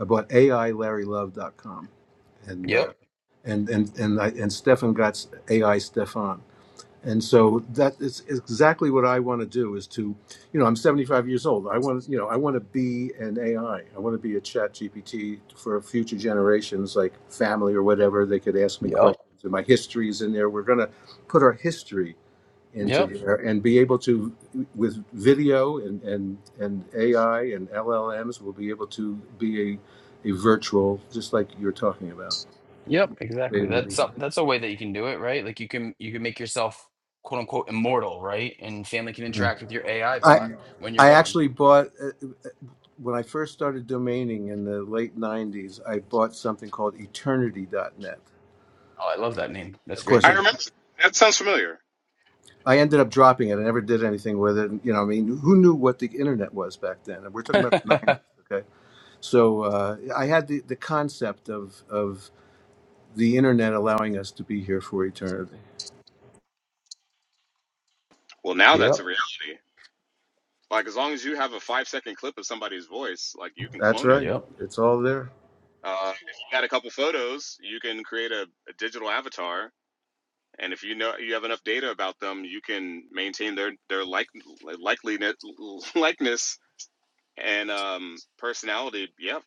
I bought AI AILarryLove.com, and uh, Yep. and and and I, and Stefan got AI Stefan, and so that is exactly what I want to do. Is to, you know, I'm 75 years old. I want, you know, I want to be an AI. I I want to be a Chat GPT for future generations, like family or whatever. They could ask me Yep. questions, and my history is in there. We're gonna put our history into Yep. there and be able to with video and and and AI and LLMs will be able to be a, a virtual just like you're talking about. Yep, They exactly. will That's be- some that's a way that you can do it, right? Like you can you can make yourself quote unquote immortal, right? And family can interact with your AI I bot when you're I gone. actually bought uh, when I first started domaining in the late 90s I bought something called eternity.net. Oh, I love that name. That's Of a great course I I, name. remember that sounds familiar. I ended up dropping it. I never did anything with it. You know, I mean, who knew what the internet was back then? And we're talking about the 90s, okay? So uh, I had the, the concept of of the internet allowing us to be here for eternity. Well, now that's Yep. a reality. Like as long as you have a five second clip of somebody's voice, like you can That's clone it. right. Yep. It's all there. Uh, if you got a couple photos, you can create a, a digital avatar, and if you know you have enough data about them, you can maintain their their like likeliness likeness and um, personality. Yeah,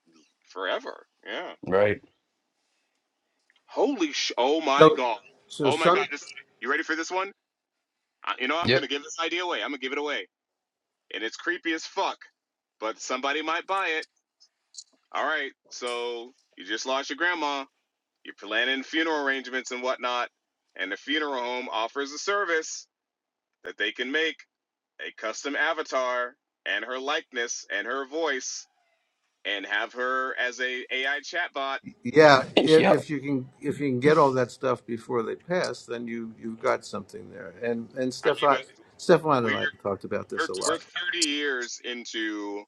forever. Yeah. Right. Holy sh! Oh my So, god! so Oh my some, god! This you ready for this one? I, you know I'm gonna Yep. give this idea away. I'm gonna give it away, and it's creepy as fuck. But somebody might buy it. All right. So you just lost your grandma. You're planning funeral arrangements and whatnot, and the funeral home offers a service that they can make a custom avatar and her likeness and her voice and have her as a AI chatbot. yeah. If, Yep. if you can, if you can get all that stuff before they pass, then you you've got something there. And and I mean, Stefan, but Stefan and we're I have talked about this we're a we're lot. 30 years into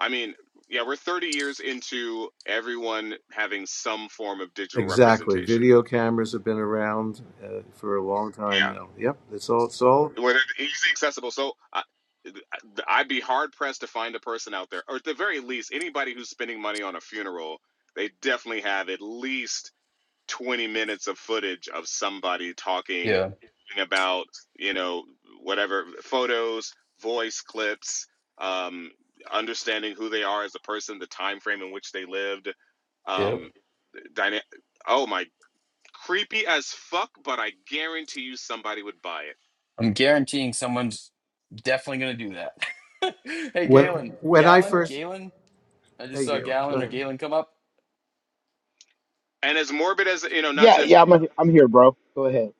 I mean, yeah, we're 30 years into everyone having some form of digital Exactly. representation. Video cameras have been around uh, for a long time Yeah, now. Yep. It's all. It's all. where they're easily accessible. So I, I'd be hard pressed to find a person out there, or at the very least, anybody who's spending money on a funeral, they definitely have at least 20 minutes of footage of somebody talking Yeah. about you know whatever photos voice clips um, understanding who they are as a person the time frame in which they lived Yep. um, dyna- oh my creepy as fuck but i guarantee you somebody would buy it I'm guaranteeing someone's definitely gonna do that. hey When Galen. when I Galen? first, Galen? I just hey saw Galen. go Galen or ahead. Galen come up. and as morbid as you know not Yeah, to yeah, I'm I'm here, bro. Go ahead,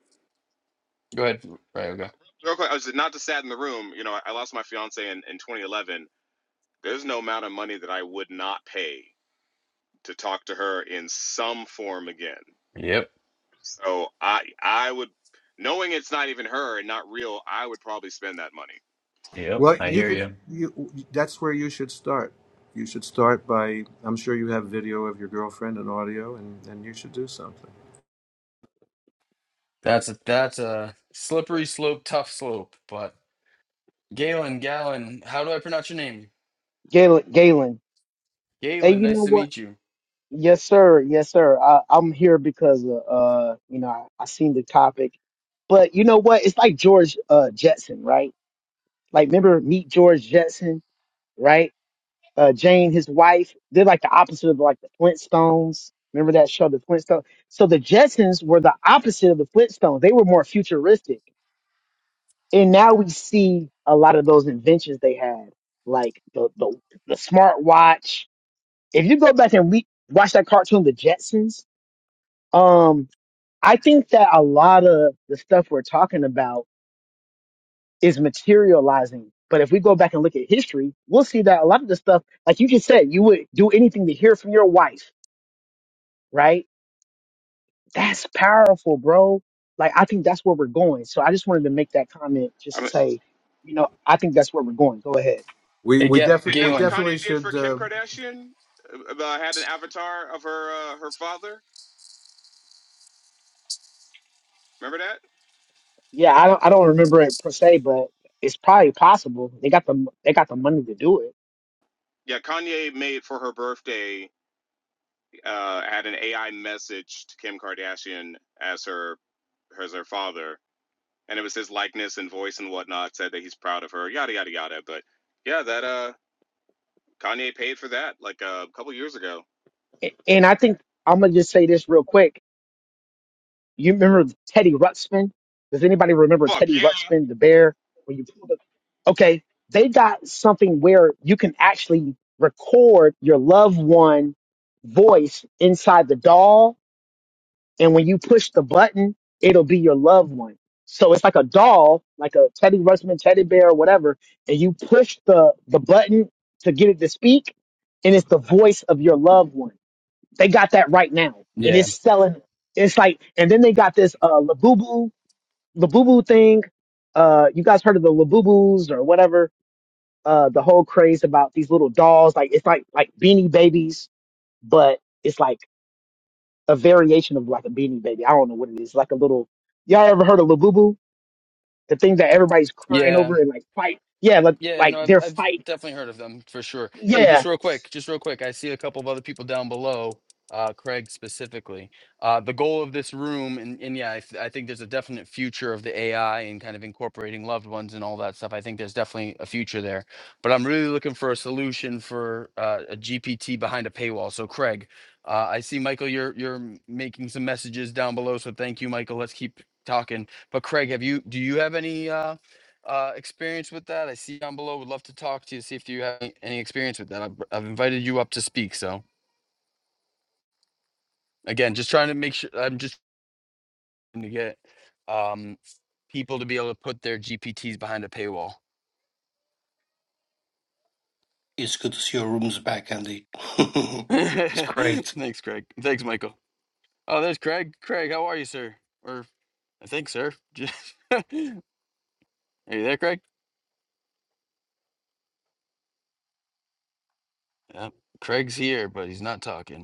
Go ahead. Right, okay. real quick, I was not to sat in the room you know I lost my fiance in, in 2011 there's no amount of money that i would not pay to talk to her in some form again Yep. So I I would knowing it's not even her and not real, I would probably spend that money. Yep. Well, I you hear could. you. You that's where you should start. You should start by. I'm sure you have video of your girlfriend and audio, and and you should do something. That's a that's a slippery slope, tough slope, but Galen, Galen, how do I pronounce your name? Galen. Galen, hey, Galen, you nice know to what? meet you. Yes, sir. Yes, sir. I, I'm here because uh, uh, you know, I, I seen the topic, but you know what? It's like George uh Jetson, right? Like, remember meet George Jetson, right? Uh, Jane, his wife, they're like the opposite of like the Flintstones. Remember that show, the Flintstones? So the Jetsons were the opposite of the Flintstones. They were more futuristic. and now we see a lot of those inventions they had, like the the, the smart watch. If you go back and re- watch that cartoon, The Jetsons, um, I think that a lot of the stuff we're talking about is materializing. But if we go back and look at history, we'll see that a lot of the stuff, like you just said, you would do anything to hear from your wife, right? That's powerful, bro. Like I think that's where we're going. So I just wanted to make that comment just I to mean, say, isn't you know, I think that's where we're going. Go ahead. We Hey, we Ga- definitely that we what Galen. Kanye definitely did should. for Kim Uh, Kardashian? Uh, uh, had an avatar of her uh, her father. Remember that? Yeah, I don't I don't remember it per se, but it's probably possible. They got the they got the money to do it. Yeah, Kanye made for her birthday uh, had an AI message to Kim Kardashian as her as her father, and it was his likeness and voice and whatnot. Said that he's proud of her. Yada yada yada. But yeah, that uh, Kanye paid for that like uh, a couple years ago. A- And I think I'm gonna just say this real quick. You remember Teddy Ruxpin? Does anybody remember Fuck Teddy yeah, Ruxpin, the bear? When you pulled up? Okay, they got something where you can actually record your loved one voice inside the doll and when you push the button, it'll be your loved one. So it's like a doll, like a Teddy Ruxpin teddy bear or whatever, and you push the the button to get it to speak, and it's the voice of your loved one. They got that right now, and Yeah. it's selling. It's like, and then they got this uh Labubu Labubu thing. Uh, you guys heard of the Labubus or whatever? Uh, the whole craze about these little dolls, like it's like like Beanie Babies, but it's like a variation of like a beanie baby. I don't know what it is. Like a little y'all ever heard of Labubu? The thing that everybody's crying Yeah. over and like fight. Yeah, like Yeah, like no, I've they're I've fighting. definitely heard of them for sure. Hey, Yeah. just real quick, just real quick, I see a couple of other people down below, uh, Craig specifically. Uh, the goal of this room, and, and yeah, I, th- I think there's a definite future of the AI and kind of incorporating loved ones and all that stuff. I think there's definitely a future there, but I'm really looking for a solution for uh, a GPT behind a paywall. So, Craig, uh, I see Michael, you're you're m- making some messages down below, so thank you, Michael. Let's keep talking. But Craig, have you do you have any? Uh, uh, experience with that. I see down below. Would love to talk to you, see if you have any any experience with that. I've, I've invited you up to speak. So again, just trying to make sure. I'm just trying to get um, people to be able to put their GPTs behind a paywall. It's good to see your rooms back, Andy. it's great. Thanks, Craig. Thanks, Michael. Oh, there's Craig. Craig, how are you, sir? Or I think, sir. are you there, Craig? Yeah. Craig's here, but he's not talking.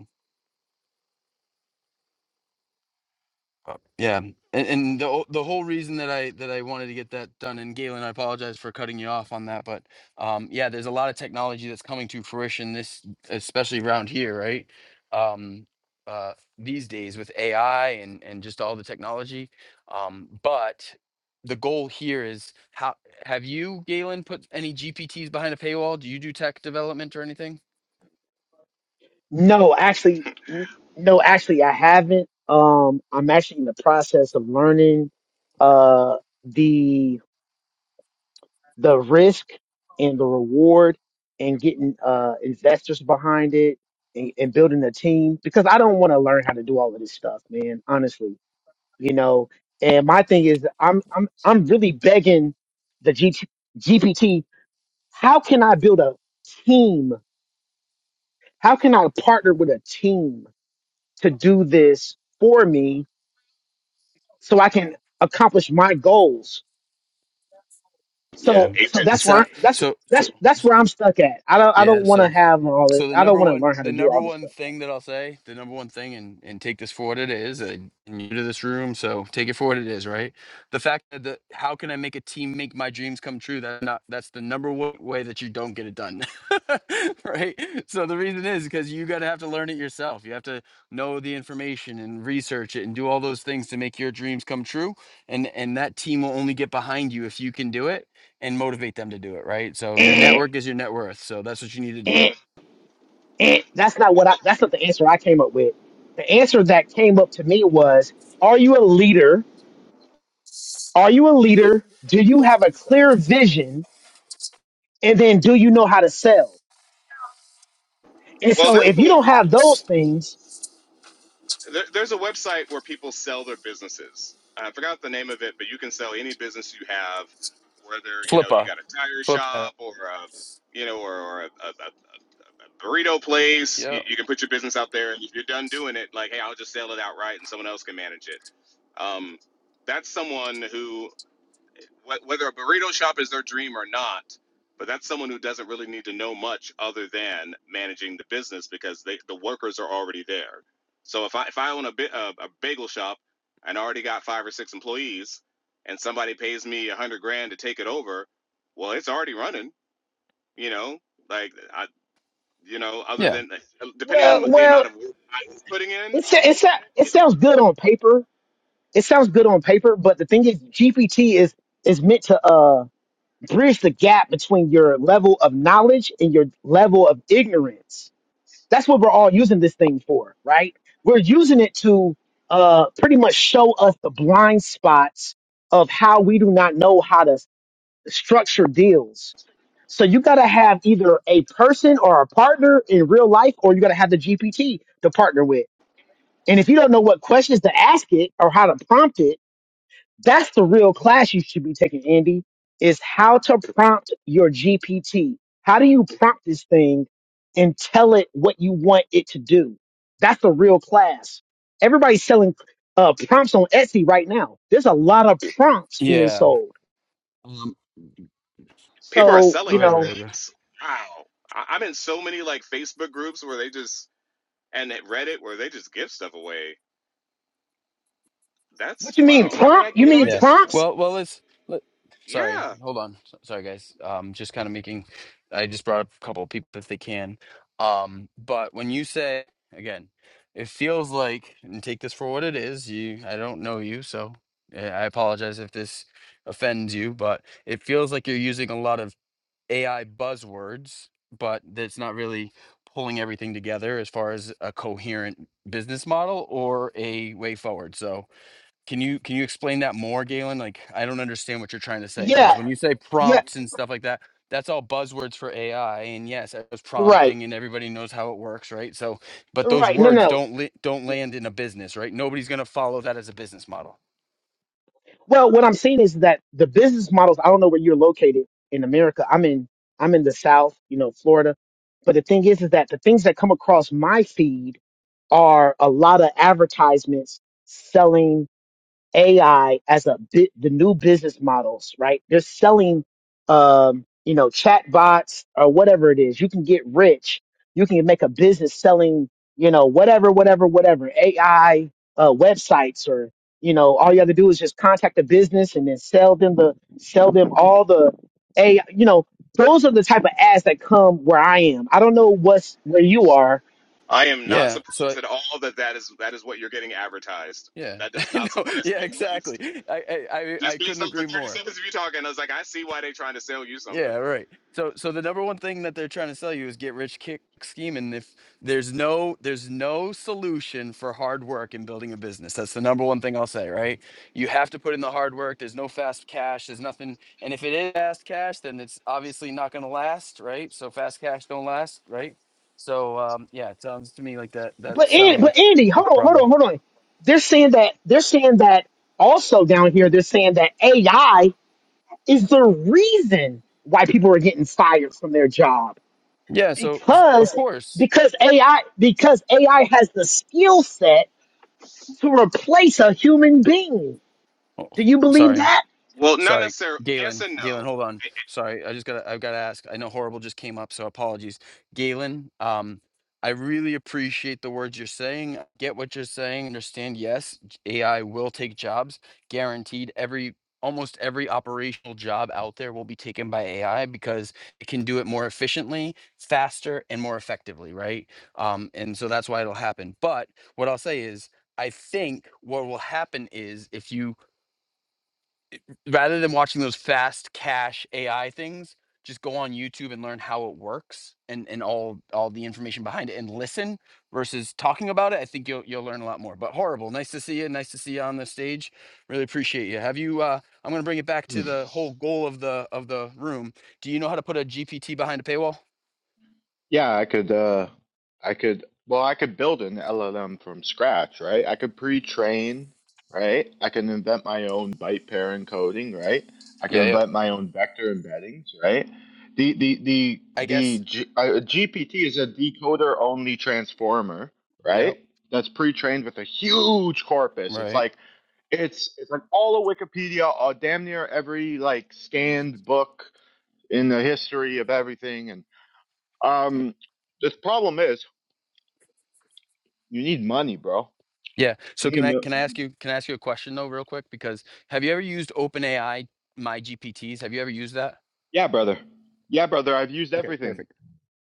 Uh, Yeah, and, and the o- the whole reason that I that I wanted to get that done, and Galen, I apologize for cutting you off on that, but um, yeah, there's a lot of technology that's coming to fruition this, especially around here, right? Um, uh, these days with AI and and just all the technology, um, but the goal here is how have you, Galen, put any GPTs behind a paywall? Do you do tech development or anything? No, actually n- no, actually I haven't. Um I'm actually in the process of learning uh the the risk and the reward and getting uh investors behind it and, and building a team because I don't want to learn how to do all of this stuff, man, honestly you know. And my thing is, I'm I'm I'm really begging the GT, GPT. How can I build a team? How can I partner with a team to do this for me so I can accomplish my goals? Yeah, So so that's it's agents. where I'm, not that's so so that's that's where I'm stuck at. I don't I yeah don't want so. to have all it. So the I don't number want to one, learn how to the do number all this one stuff. thing that I'll say, the number one thing, and and take this for what it is, and you're new to this room, so take it for what it is, right? The fact that the how can I make a team make my dreams come true? That's not that's the number one way that you don't get it done, right? So the reason is because you gotta have to learn it yourself. You have to know the information and research it and do all those things to make your dreams come true. And and that team will only get behind you if you can do it and motivate them to do it, right? So your Eh, network is your net worth. So that's what you need to do. eh, eh. That's not what I. That's not the answer I came up with. The answer that came up to me was: Are you a leader? Are you a leader? Do you have a clear vision? And then do you know how to sell? And Well, so there's if you a don't have those things, there, there's a website where people sell their businesses. Uh, I forgot the name of it, but you can sell any business you have, whether you know you Flipper. got a tire Flipper. shop or a you know or, or a, a, a burrito place. You, Yeah. you can put your business out there, and if you're done doing it, like hey, I'll just sell it outright, and someone else can manage it. Um, that's someone who wh- whether a burrito shop is their dream or not, but that's someone who doesn't really need to know much other than managing the business because they, the workers are already there. So if I if I own a, bi- a a bagel shop and I already got five or six employees, and somebody pays me a hundred grand to take it over, well, it's already running. You know, like I, you know, other Yeah. than depending on well, the well, amount of work I was putting in, it's it's it you know, sounds good on paper. It sounds good on paper, but the thing is, GPT is is meant to uh, bridge the gap between your level of knowledge and your level of ignorance. That's what we're all using this thing for, right? We're using it to uh, pretty much show us the blind spots of how we do not know how to structure deals. So you got to have either a person or a partner in real life, or you got to have the GPT to partner with. And if you don't know what questions to ask it or how to prompt it, that's the real class you should be taking, Andy, is how to prompt your GPT. How do you prompt this thing and tell it what you want it to do? That's the real class. Everybody's selling uh, prompts on Etsy right now. There's a lot of prompts being Yeah. sold. Um, people are So, selling. go you ahead, know, Ryoga. drinks. Wow, I, I'm in so many like Facebook groups where they just and at Reddit where they just give stuff away. What That's you mean wow. I mean, I prompt? You you know, mean I Yeah. guess prompts? Well, well, let's. Let, sorry. yeah. Hold on. S- Sorry, guys. Um, just kind of making. I just brought up a couple of people if they can. Um, but when you say again, it feels like and take this for what it is. You, I don't know you, so eh, I apologize if this offends you, but it feels like you're using a lot of AI buzzwords, but that's not really pulling everything together as far as a coherent business model or a way forward. So, can you can you explain that more, Galen? Like, I don't understand what you're trying to say because Yeah, when you say yeah, prompts and stuff like that, that's all buzzwords for AI. And yes, I was right, prompting, and everybody knows how it works, right? So, but those right. No, words no. don't li- don't Yeah. land in a business, right? Nobody's gonna follow that as a business model. Well, what I'm saying is that the business models. I don't know where you're located in America. I'm in I'm in the South, you know, Florida. But the thing is, is that the things that come across my feed are a lot of advertisements selling. AI as a bit the new business models, right? They're selling, um, you know, chat bots or whatever it is. You can get rich. You can make a business selling, you know, whatever, whatever, whatever AI uh, websites or you know, all you have to do is just contact a business and then sell them the sell them all the a you know those are the type of ads that come where I am. I don't know what's where you are, I am not Yeah. So. surprised I- at all that that is that is what you're getting advertised. Yeah. That does not no. surprise Yeah. me in the Exactly. least. I, I I I Just based couldn't off the agree 30 more. seconds of you talking, I was like, I see why they're trying to sell you something. Yeah, right. So so the number one thing that they're trying to sell you is get rich kick scheme and if there's no there's no solution for hard work in building a business. That's the number one thing I'll say, right? You have to put in the hard work. There's no fast cash, there's nothing. And if it is fast cash, then it's obviously not going to last, right? So fast cash don't last, right? So um yeah, it sounds to me like that that But Andy, sounds a but p- Andy, like hold a on, hold problem. on, hold on. They're saying that they're saying that also down here. They're saying that AI is the reason why people are getting fired from their job Yeah, so s- of because course. because AI because AI has the skill set to replace a human being. Oh, Do you believe sorry. that? Well, not Sorry, necessarily. Yes Galen. and Galen, no. hold on. Sorry, I just gotta. I've gotta ask. I know horrible just came up, so apologies, Galen. Um, I really appreciate the words you're saying. I Get what you're saying. Understand? Yes, j- AI will take jobs, guaranteed. Every almost every operational job out there will be taken by AI because it can do it more efficiently, faster, and more effectively. Right? Um, and so that's why it'll happen. But what I'll say is. I think what will happen is if you rather than watching those fast cash AI things, just go on YouTube and learn how it works and and all all the information behind it and listen versus talking about it. I think you'll you'll learn a lot more. But horrible. Nice to see you. Nice to see you on the stage. Really appreciate you. Have you uh I'm going to bring it back Hmm. to the whole goal of the of the room. Do you know how to put a GPT behind a paywall? Yeah, I could uh I could well I could build an LLM from scratch, right? I could pre-train, right? I can invent my own byte pair encoding, right? I can Yeah, yeah. invent my own vector embeddings, right? The the the I the guess. G, uh, GPT is a decoder only transformer, Yep. right? That's pre-trained with a huge corpus. It's Right. like it's it's like all of Wikipedia, all damn near every like scanned book in the history of everything and Um, the problem is you need money, bro. Yeah. So You need a can I mil- can I ask you can I ask you a question though real quick because have you ever used OpenAI my GPTs? Have you ever used that? yeah, brother. Yeah, brother. I've used Okay, everything. perfect.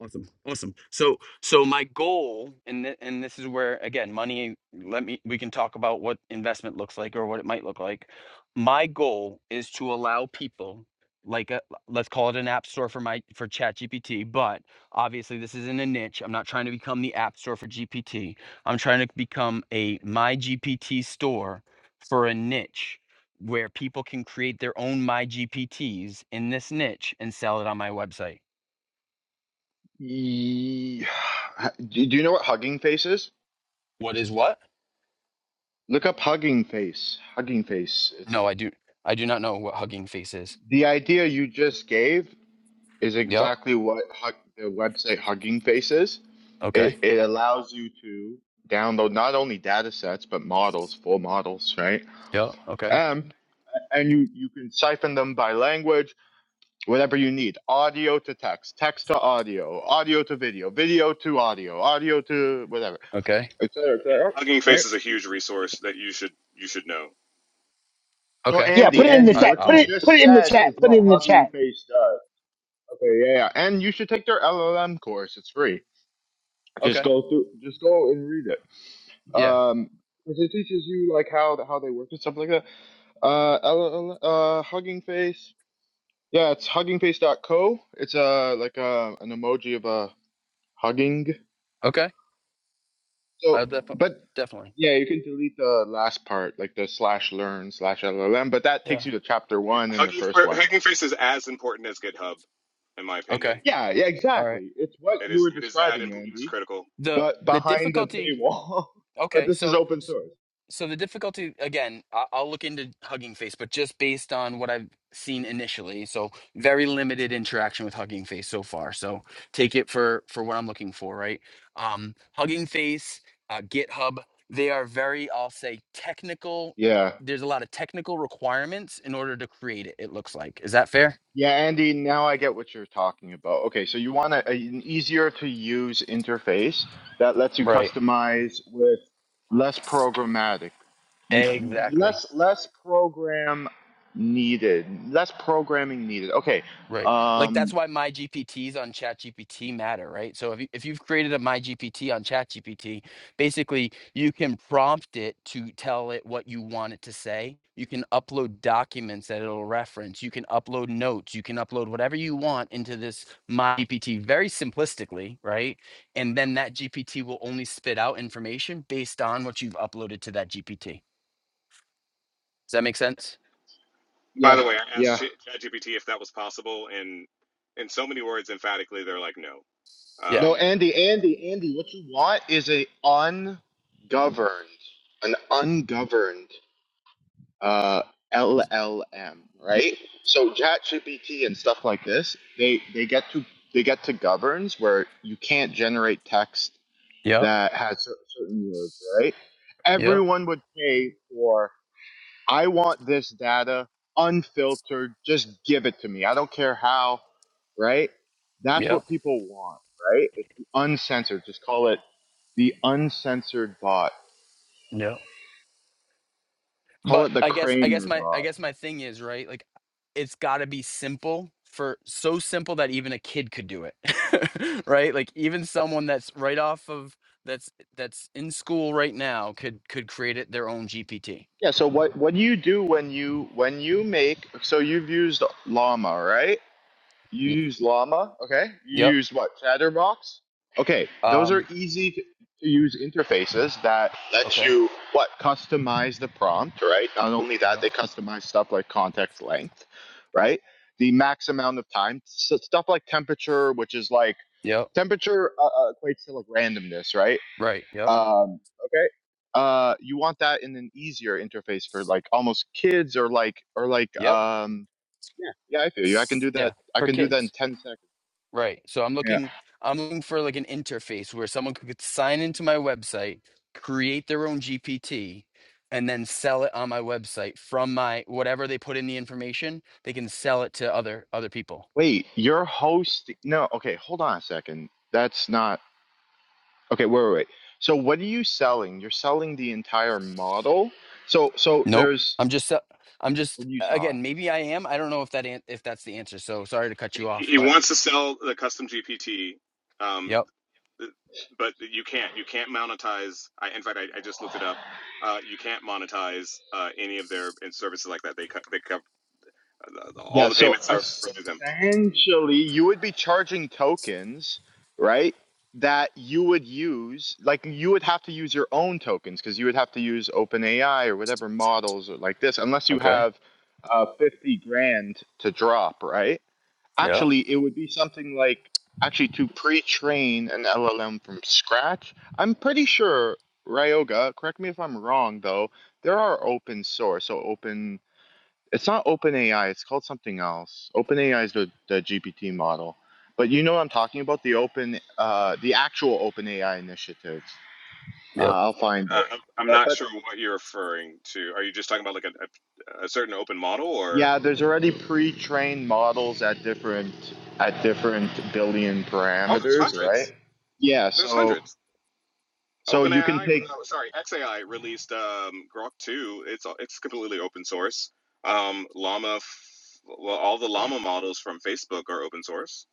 Awesome. Awesome. So so my goal and th- and this is where again money let me we can talk about what investment looks like or what it might look like. My goal is to allow people like a let's call it an app store for my for ChatGPT, but obviously this isn't a niche. I'm not trying to become the app store for GPT. I'm trying to become a my GPT store for a niche where people can create their own my GPTs in this niche and sell it on my website Ye- Do do you know what hugging face is? What is what? Look up hugging face. Hugging face. It's No, I do. I do not know what hugging face is. the idea you just gave is Yep. exactly what hug, the website Hugging Face is. It Okay. it allows you to download not only data sets but models, full models, right? Yep. Okay. Um, and you you can siphon them by language whatever you need audio to text text to audio audio to video video to audio audio to whatever Okay. etc Yeah. etc Hugging right Face is a huge resource that you should you should know. so Okay. Yeah, andy put it in the andy I, what chat. Put you I'll. it put just it in the said is chat. Put it what in the chat. hugging face does okay yeah yeah and you should take their llm course it's free just Okay. go through just go and read it Yeah. um 'cause it teaches you like how how they work and stuff like that uh LLM, uh hugging face yeah it's Hugging Face. dot Co. it's uh like uh an emoji of a hugging Okay. so, I def- but definitely. Yeah, you can delete the last part, like the slash learn slash LLM, but that takes Yeah. you to chapter Yeah. one and the Hugging first one. But Hugging Face is as important as GitHub, in my opinion. Okay. yeah, yeah, All right. exactly. It's what It you is were it is that describing, important. It's Andy, critical. The but the behind the difficulty. paywall. but Okay. this is So open source. so the difficulty again I- i'll look into hugging face but just based on what i've seen initially so very limited interaction with hugging face so far so take it for for what i'm looking for right um hugging face uh, github they are very i'll say technical Yeah. there's a lot of technical requirements in order to create it it looks like is that fair Yeah, Andy, now I get what you're talking about. Okay, so you want a, a- an easier to use interface that lets you Right. customize with less programmatic, m- m- exactly less less program needed, less programming needed. Okay. Right. Like Um, that's why my GPTs on ChatGPT matter, right? So if you, if you've created a my GPT on ChatGPT, basically you can prompt it to tell it what you want it to say. You can upload documents that it'll reference. You can upload notes. You can upload whatever you want into this my GPT very simplistically, right? And then that GPT will only spit out information based on what you've uploaded to that GPT. Does that make sense? By Yeah, the way, I asked yeah. Ch- ChatGPT if that was possible, and in so many words, emphatically, they're like, no. Yeah. No, Um, Andy, Andy, Andy, what you want is a ungoverned, an ungoverned uh, LLM, right? So ChatGPT and stuff like this, they they get to they get to governs where you can't generate text Yeah. that has cer- certain words, right? Yeah. Everyone would pay for I want this data unfiltered. Just give it to me. I don't care how, right? That's Yeah. what people want, right? It's the uncensored. Just call it the uncensored bot. Yeah. Call But it the I guess I guess Kramer my I bot. guess my thing is, right? Like it's got to be simple for so simple that even a kid could do it. right? Like even someone that's right off of that's that's in school right now could could create it their own GPT. Yeah. So what, what do you do when you, when you make, so you've used llama, right? You Y- use Llama, okay? You Yep. use what? Chatterbox? Okay, those are Um easy to to use interfaces that let okay. you what? Customize the prompt, right? Not only that, Yeah. they customize stuff like context length, right? The max amount of time, so stuff like temperature, which is like Yep. temperature uh, uh, equates to like randomness, right? Right. Yep. Um, okay. Uh, you want that in an easier interface for like almost kids or like or like Yep. um. Yeah, yeah, I feel you. I can do Yeah. that. I For can do that kids. in ten seconds. Right. So I'm Yeah. looking I'm looking for like an interface where someone could sign into my website, create their own GPT, and then sell it on my website from my whatever they put in the information, they can sell it to other other people. Wait, you're hosting. No. Okay, hold on a second. That's not okay. Wait, wait, wait. So what are you selling? You're selling the entire model. So so Nope. there's I'm just se- I'm what just are you selling? again, maybe I am. I don't know if that an- if that's the answer. So sorry to cut you he off, he but wants to sell the custom GPT, um, yep. but you can't. You can't monetize. I, in fact, I, I just looked it up. Uh, you can't monetize uh, any of their and services like that. They cut. They cut. Uh, all Yeah, the so payments are through them. essentially, you would be charging tokens, right? That you would use, like you would have to use your own tokens because you would have to use OpenAI or whatever models or like this, unless you Okay. have uh, 50 grand to drop, right? Yeah. Actually, it would be something like actually to pre train an LLM from scratch. I'm pretty sure, Ryoga, correct me if I'm wrong though, there are open source, so open. It's not OpenAI. It's called something else. OpenAI is the, the GPT model, but you know what I'm talking about the open, uh, the actual OpenAI initiatives. Uh, Yep. I'll find Uh, it. I'm, I'm But not but sure what you're referring to. Are you just talking about like a, a, a certain open model, or yeah, there's already pre-trained models at different at different billion oh, there's parameters, right? hundreds. Yeah. There's So hundreds. so you can OpenAI, take oh, sorry, XAI released um, Grok 2. It's it's completely open source. Um, Llama, f- well, all the Llama models from Facebook are open source.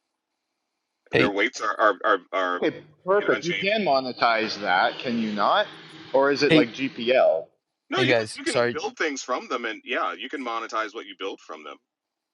Their Hey, weights are are are, are okay, you know perfect. You unchanging. can monetize that, can you not? Or is it hey, like GPL? No, hey you can guys. you can Sorry build things from them, and yeah, you can monetize what you build from them.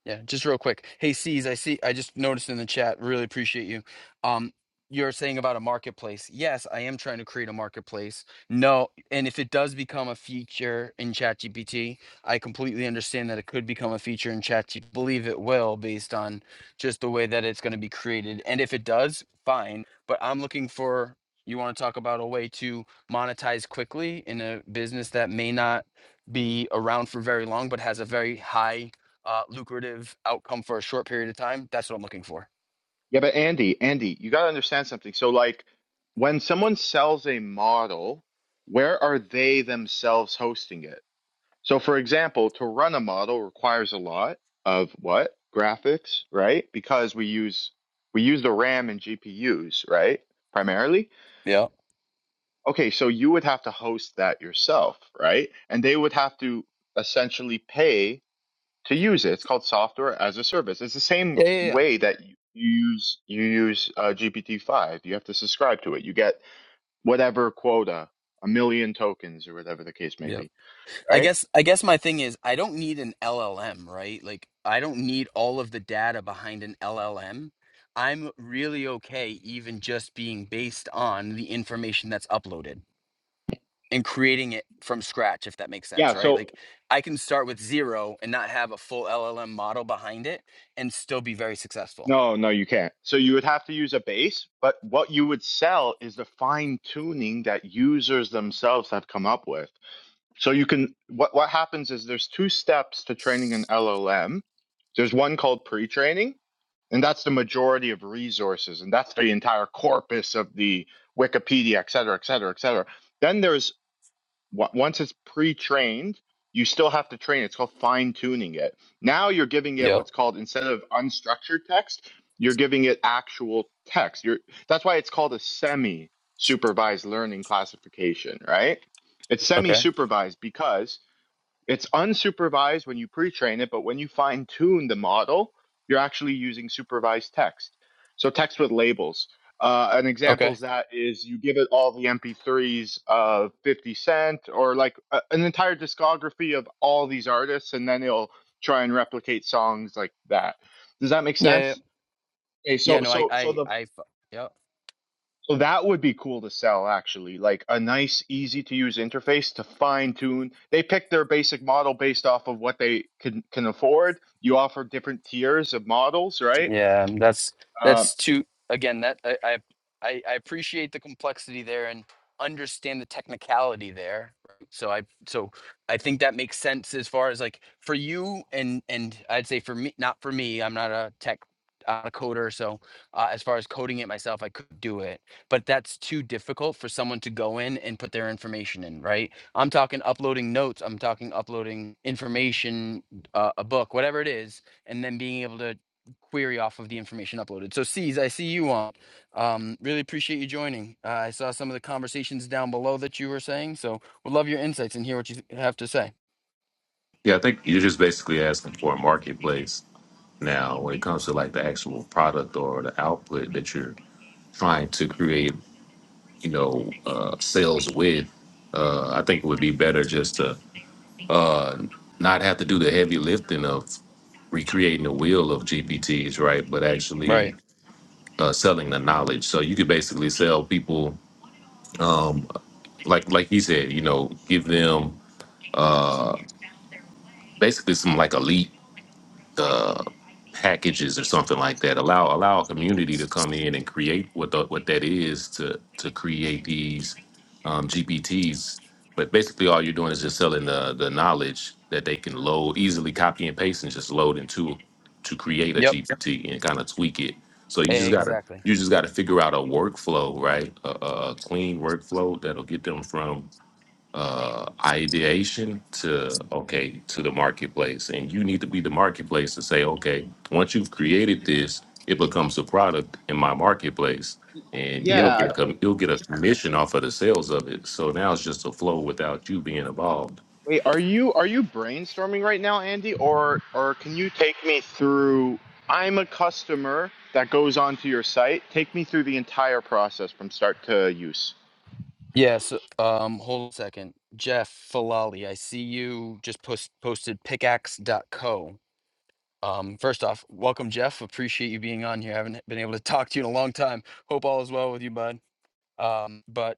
Yeah, just real quick. Hey, C's, I see. I just noticed in the chat. Really appreciate you. Um, you're saying about a marketplace. Yes, I am trying to create a marketplace. No, and if it does become a feature in ChatGPT, I completely understand that it could become a feature in ChatGPT. Believe it will, based on just the way that it's going to be created. And if it does, fine. But I'm looking for. You want to talk about a way to monetize quickly in a business that may not be around for very long, but has a very high uh, lucrative outcome for a short period of time. That's what I'm looking for. Yeah, but Andy, Andy, you got to understand something. So, like, when someone sells a model, where are they themselves hosting it? So, for example, to run a model requires a lot of what? Graphics, right? Because we use we use the RAM and GPUs, right? Primarily. Yeah. Okay, so you would have to host that yourself, right? And they would have to essentially pay to use it. It's called software as a service. It's the same Yeah. Yeah. Yeah. way that you use you use uh, GPT five. You have to subscribe to it. You get whatever quota, a million tokens or whatever the case may Yep. be. I Right? guess I guess my thing is I don't need an LLM, right? Like I don't need all of the data behind an LLM. I'm really okay even just being based on the information that's uploaded and creating it from scratch if that makes Yeah. sense, right? So Like I can start with zero and not have a full LLM model behind it and still be very successful. no, no, you can't. So you would have to use a base, but what you would sell is the fine tuning that users themselves have come up with. So you can what what happens is there's two steps to training an LLM. There's one called pre-training, and that's the majority of resources, and that's the entire corpus of the Wikipedia, et cetera, et cetera, et cetera. Then there's Wa- Once it's pre-trained, you still have to train. it. It's called fine-tuning it. Now you're giving it Yep. what's called instead of unstructured text, you're giving it actual text. You're that's why it's called a semi-supervised learning classification, right? It's Okay. semi-supervised because it's unsupervised when you pre-train it, but when you fine tune the model, you're actually using supervised text. So text with labels. Uh, an example Okay. is that is you give it all the MP3s of 50 Cent or like a, an entire discography of all these artists, and then it'll try and replicate songs like that. Does that make Yeah. Yeah. sense? Okay, Yeah, Yeah, so no, I so so I the I yep. well, that would be cool to sell, actually. Like a nice, easy to use interface to fine tune. They pick their basic model based off of what they can can afford. You offer different tiers of models, right? Yeah, and that's Uh, that's too again that I, I I I appreciate the complexity there and understand the technicality there. right? So I so I think that makes sense as far as like for you and and I'd say for me not for me I'm not a tech uh, coder so uh, as far as coding it myself I could do it but that's too difficult for someone to go in and put their information in right I'm talking uploading notes I'm talking uploading information uh, a book whatever it is and then being able to query off of the information uploaded. So, C's, I see you on. Um, really appreciate you joining. Uh, I saw some of the conversations down below that you were saying, so would love your insights and hear what you have to say. Yeah, I think you're just basically asking for a marketplace now when it comes to like the actual product or the output that you're trying to create, you know, uh, sales with. Uh, I think it would be better just to uh, not have to do the heavy lifting of recreating the wheel of GPTs, right? But Right. actually uh, selling the knowledge. So you could basically sell people, like like he said, you know, give them basically some like elite uh, packages or something like that. Allow allow a community to come in and create what the, what that is to to create these um, GPTs. But basically, all you're doing is just selling the the knowledge that they can load easily, copy and paste, and just load into to create a Yep. GPT and kind of tweak it. So you just gotta Exactly. you just gotta figure out a workflow, right? A, a a clean workflow that'll get them from uh, ideation to okay to the marketplace and you need to be the marketplace to say okay once you've created this it becomes a product in my marketplace and you'll Yep. get a yeah. ta- com- you'll get a commission off of the sales of it so now it's just a flow without you being involved Wait, are you are you brainstorming right now, Andy, or or can you take me through? I'm a customer that goes onto your site. Take me through the entire process from start to use. Yeah. So, um, hold a second. Jeff Falali, I see you just post- posted pickaxe.co. Um, first off, welcome, Jeff. Appreciate you being on here. haven't been able to talk to you in a long time. Hope all is well with you, bud. Um, but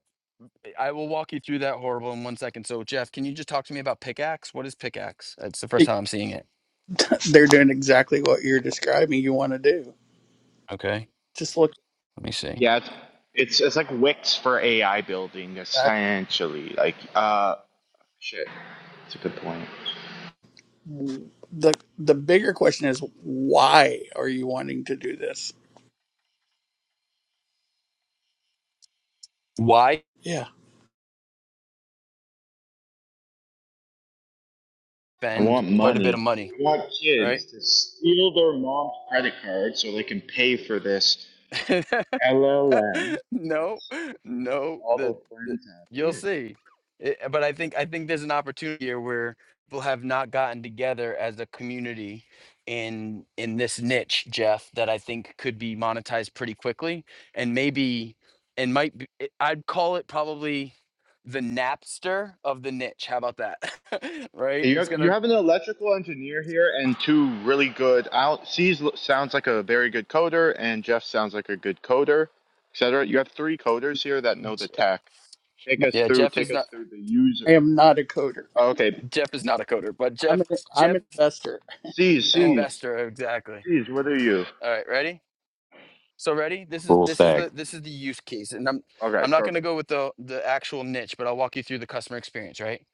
I will walk you through that horrible in one second. So, Jeff, can you just talk to me about pickaxe? What is pickaxe? It's the first It- time I'm seeing it. They're doing exactly what you're describing you want to do. Okay, Just look let me see. Yeah, it's it's, it's like Wix for AI building, at essentially. Like, uh. Shit, that's a good point. the the bigger question is why are you wanting to do this? Why Yeah. I spend want quite a bit of money. money, I want right? kids to steal their mom's credit card so they can pay for this LLM no, that's no, all the, their the friends have. you'll Weird. see. It, but I think I think there's an opportunity here where people have not gotten together as a community in in this niche, Jeff, that I think could be monetized pretty quickly and maybe and might be, it- I'd call it probably the Napster of the niche. How about that? right? You have, It's you gonna have an electrical engineer here and two really good. Out C's sounds like a very good coder, and Jeff sounds like a good coder, etc. You have three coders here that know the J- tech. Take No, us yeah, through. Jeff Take is not us through the user. I am not a coder. Okay, Jeff is not a coder, but I'm Jeff an I'm Jeff an investor C's, an only. C's, investor, exactly. C's. What are you? All right, ready? So ready? This is full this is stack the this is the use case, and I'm Okay, I'm not going perfect. to go with the the actual niche, but I'll walk you through the customer experience. Right?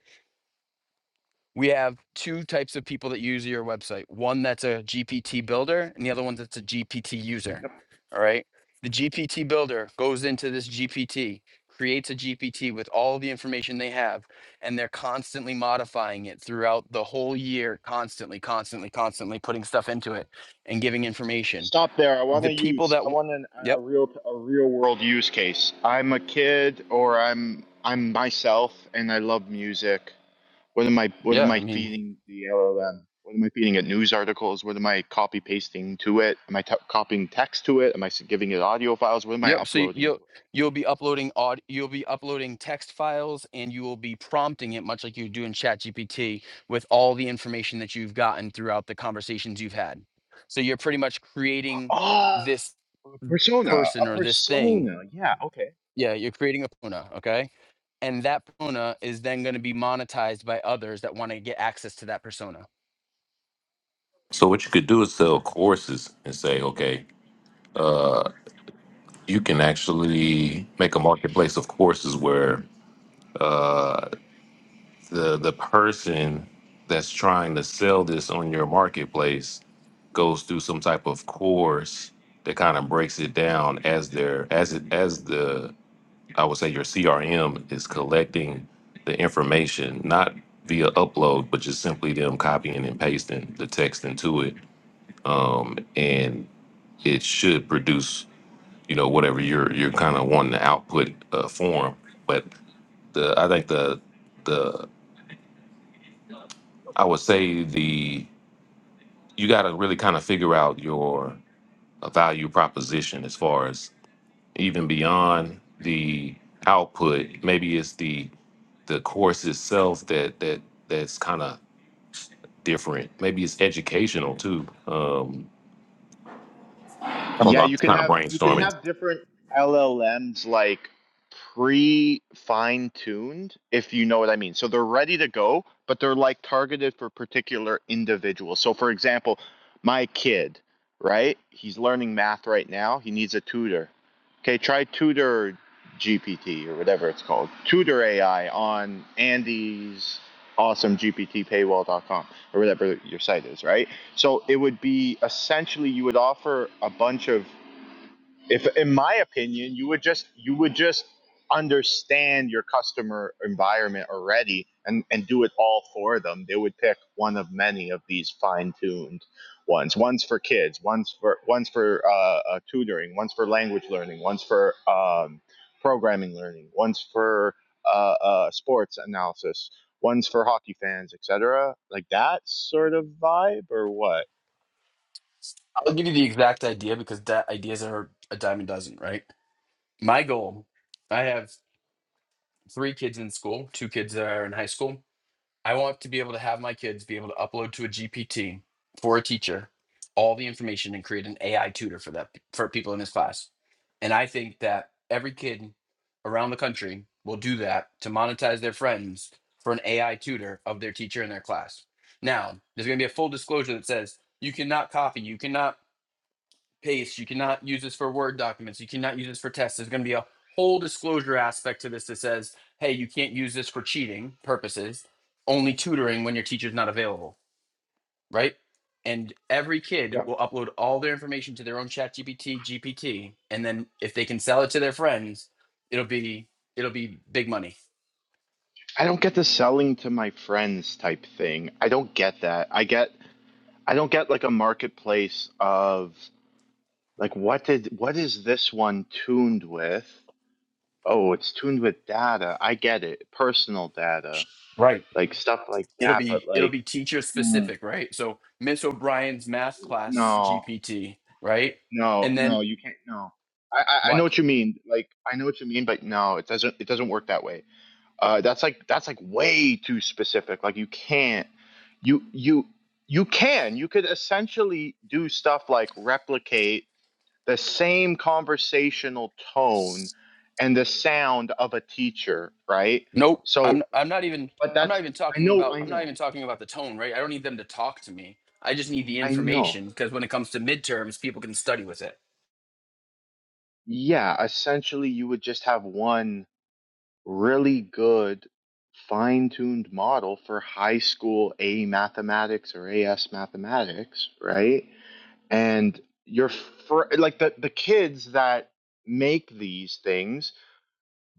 We have two types of people that use your website. One that's a GPT builder, and the other one that's a GPT user. All right. The GPT builder goes into this GPT, creates a GPT with all the information they have, and they're constantly modifying it throughout the whole year, constantly, constantly, constantly putting stuff into it and giving information. Stop there. I want The to people use. that, I w- want an, yep, a real a real world use case. I'm a kid, or I'm I'm myself, and I love music. What am I What yeah, am I I mean, feeding the LLM? What am I feeding it? News articles. What am I copy pasting to it? Am I t- copying text to it? Am I s- giving it audio files? What am I Yep. So you- uploading you'll to it? you'll be uploading aud you'll be uploading text files and you will be prompting it much like you do in ChatGPT with all the information that you've gotten throughout the conversations you've had. So you're pretty much creating Oh, this a persona. person A or this thing. persona. Yeah. Okay. Yeah, you're creating a persona, okay? And that persona is then going to be monetized by others that want to get access to that persona. so what you could do is sell courses and say okay you can actually make a marketplace of courses where the the person that's trying to sell this on your marketplace goes through some type of course that kind of breaks it down as their as it as the I would say your CRM is collecting the information not via upload but just simply them copying and pasting the text into it um, and it should produce you know whatever you're you're kind of wanting to output uh, form but the I think the the I would say the you got to really kind of figure out your uh, value proposition as far as even beyond the output maybe it's the the course itself that that that's kind of different maybe it's educational too um i don't Yeah, know i'm you just can kind of have you can brainstorming have different LLMs like pre fine tuned, if you know what I mean. So they're ready to go, but they're like targeted for particular individuals. So for example, my kid, right? He's learning math right now. He needs a tutor. Okay, try tutor GPT or whatever it's called. Tutor AI on Andy's awesome GPT paywall.com or whatever your site is, right? So it would be essentially you would offer a bunch of if in my opinion you would just you would just understand your customer environment already and and do it all for them. They would pick one of many of these fine-tuned ones. One's for kids, one's for one's for uh, uh, tutoring, one's for language learning, one's for um, programming learning, one's for uh, uh, sports analysis, one's for hockey fans, etc. Like that sort of vibe or what? I'll give you the exact idea because that ideas are a dime a dozen, right? My goal, I have three kids in school, two kids that are in high school I want to be able to have my kids be able to upload to a GPT for a teacher all the information and create an AI tutor for that for people in this class. And I think that every kid around the country will do that to monetize their friends for an AI tutor of their teacher in their class. Now, there's going to be a full disclosure that says you cannot copy, you cannot paste. You cannot use this for Word documents. You cannot use this for tests. There's going to be a whole disclosure aspect to this that says, hey, you can't use this for cheating purposes, only tutoring when your teacher's not available, right? And every kid Yeah. will upload all their information to their own chat GPT, GPT, and then if they can sell it to their friends, it'll be it'll be big money. I don't get the selling to my friends type thing. I don't get that. I get I don't get like a marketplace of like what did what is this one tuned with? Oh, it's tuned with data. I get it. Personal data. Right. Like stuff like It'll that, be but it'll like be teacher mm, specific, right? So Miss O'Brien's math class no. GPT, right? No, And then no, you can't no. I, I I know what? what you mean. Like I know what you mean, but no, it doesn't it doesn't work that way. Uh, that's like that's like way too specific. Like you can't you you you can you could essentially do stuff like replicate the same conversational tone and the sound of a teacher, right? Nope. I'm So, I'm not even but I'm not that's even I talking know about I I'm not even know talking about the tone, right? I don't need them to talk to me. I just need the I know. information because when it comes to midterms, people can study with it. Yeah, essentially you would just have one really good fine-tuned model for high school A mathematics or AS mathematics, right? and you're fr- like the the kids that make these things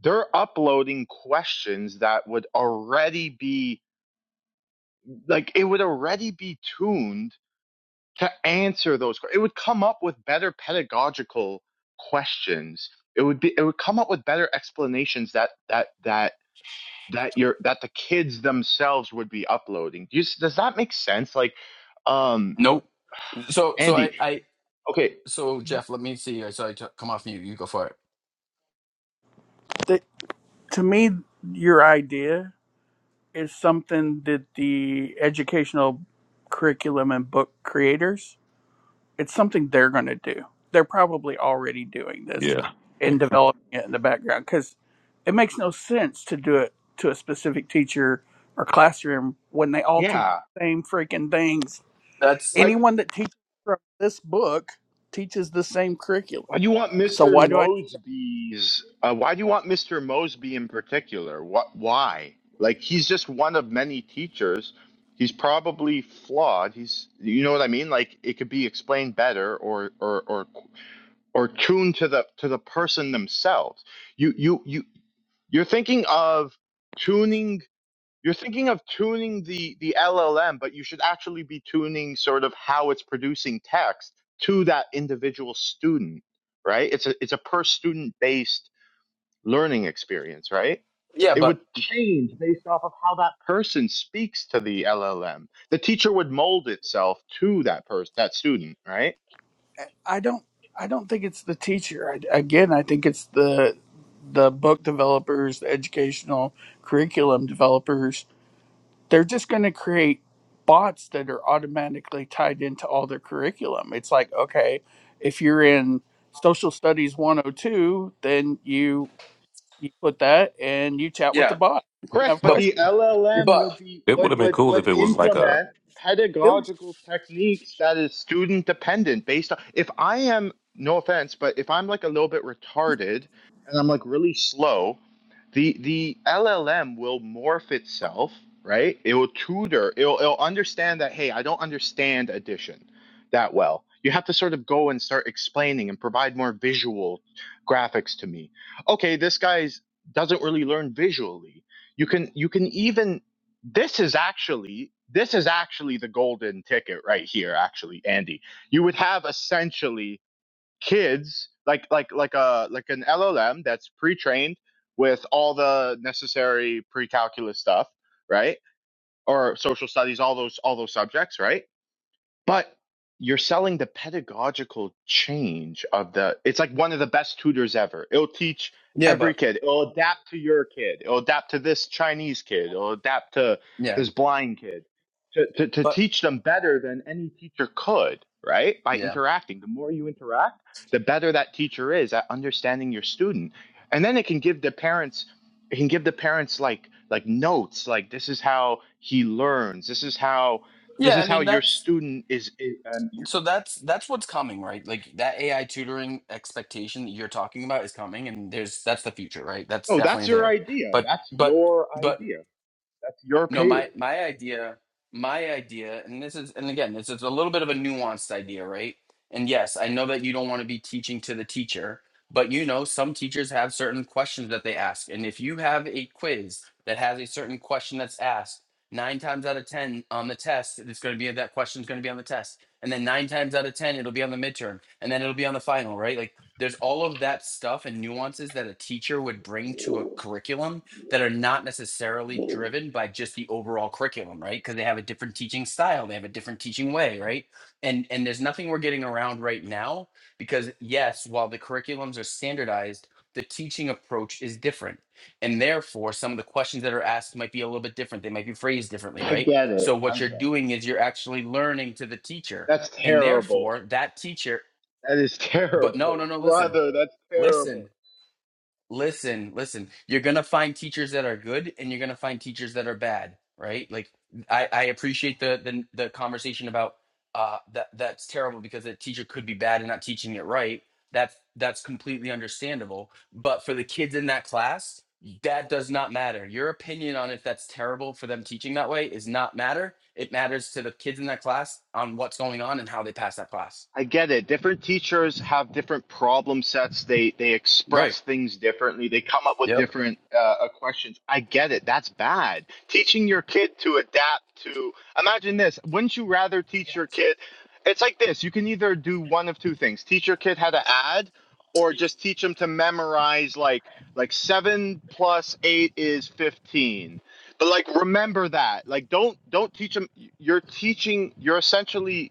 they're uploading questions that would already be like it would already be tuned to answer those it would come up with better pedagogical questions it would be it would come up with better explanations that that that that your that the kids themselves would be uploading Do you, does that make sense like um Nope. So so I andy I okay so Jeff, let me see. I saw you t- come off mute. You go for it. The, to me, your idea is something that the educational curriculum and book creators It's something they're going to do. They're probably already doing this yeah and developing it in the background because it makes no sense to do it to a specific teacher or classroom when they all teach yeah the same freaking things. That's why Anyone that teaches from this book teaches the same Why curriculum. do you want So Mr. why do I? Mosby's? Uh, why do you want Mr. Mosby in particular? What? Why? Like he's just one of many teachers. He's probably flawed. He's, you know what I mean? Like it could be explained better, or or or or tuned to the to the person themselves. You you you you're thinking of tuning you're thinking of tuning the, the LLM, but you should actually be tuning sort of how it's producing text to that individual student, right? It's a it's a per student based learning experience, right? yeah, It would but change based off of how that person speaks to the LLM. The teacher would mold itself to that person, that student, right? I don't. I don't think it's the teacher. I, again, I think it's the the book developers, the educational curriculum developers they're just going to create bots that are automatically tied into all their curriculum. It's like, okay, if you're in social studies 102, then you you put that and you chat with the yeah, bot. You Correct, have but but questions. the You're LLM but would be it would would have been would cool would if it was like a implement still pedagogical techniques that is student dependent based on if I am no offense, but if I'm like a little bit retarded and I'm like really slow, the the LLM will morph itself, right? It will tutor. It'll, it'll understand that hey, I don't understand addition that well. You have to sort of go and start explaining and provide more visual graphics to me. Okay, this guy's doesn't really learn visually. You can you can even this is actually this is actually the golden ticket right here actually Andy. You would have essentially kids like like like a like an LLM that's pre-trained with all the necessary pre-calculus stuff, right? Or social studies, all those all those subjects, right? but you're selling the pedagogical change of the it's like one of the best tutors ever it'll teach yeah, every but kid it'll adapt to your kid it'll adapt to this chinese kid it'll adapt to yeah, this blind kid to, to, to but teach them better than any teacher could right by yeah. interacting the more you interact the better that teacher is at understanding your student and then it can give the parents it can give the parents like like notes like this is how he learns this is how this Yeah, I is how mean your that's student is. i- Um, your, so that's that's what's coming, right? Like that AI tutoring expectation that you're talking about is coming and there's that's the future, right? That's oh, definitely that's your there. idea. But That's but your but idea. That's your No, my payroll. my idea, my idea, and this is, and again, this is a little bit of a nuanced idea, right? And yes, I know that you don't want to be teaching to the teacher, but you know, some teachers have certain questions that they ask. And if you have a quiz that has a certain question that's asked, nine times out of 10 on the test, it's going to be that question's going to be on the test. And then nine times out of 10, it'll be on the midterm. And then it'll be on the final, right? Like there's all of that stuff and nuances that a teacher would bring to a curriculum that are not necessarily driven by just the overall curriculum, right? Because they have a different teaching style, they have a different teaching way, right? And and there's nothing we're getting around right now because yes, while the curriculums are standardized, the teaching approach is different. And therefore, some of the questions that are asked might be a little bit different. They might be phrased differently, I right? get So it. what I you're get it. doing is you're actually learning to the teacher. That's And terrible. therefore, that teacher, That is but no, terrible, no, no, listen. brother. That's Listen. terrible. Listen, listen. You're gonna find teachers that are good and you're gonna find teachers that are bad, right? Like I, I appreciate the, the the conversation about uh that that's terrible because the teacher could be bad and not teaching it right. That's that's completely understandable. But for the kids in that class, that does not matter. Your opinion on if that's terrible for them teaching that way is not matter. It matters to the kids in that class on what's going on and how they pass that class. I get it. Different teachers have different problem sets. They they Right. express things differently. They come up with Yep. different uh, uh, questions. I get it. That's bad. Teaching your kid to adapt to imagine this. Wouldn't you rather teach your kid? It's like this. You can either do one of two things: teach your kid how to add, or just teach them to memorize like like seven plus eight is fifteen. But like remember that. Like don't don't teach them. You're teaching. You're essentially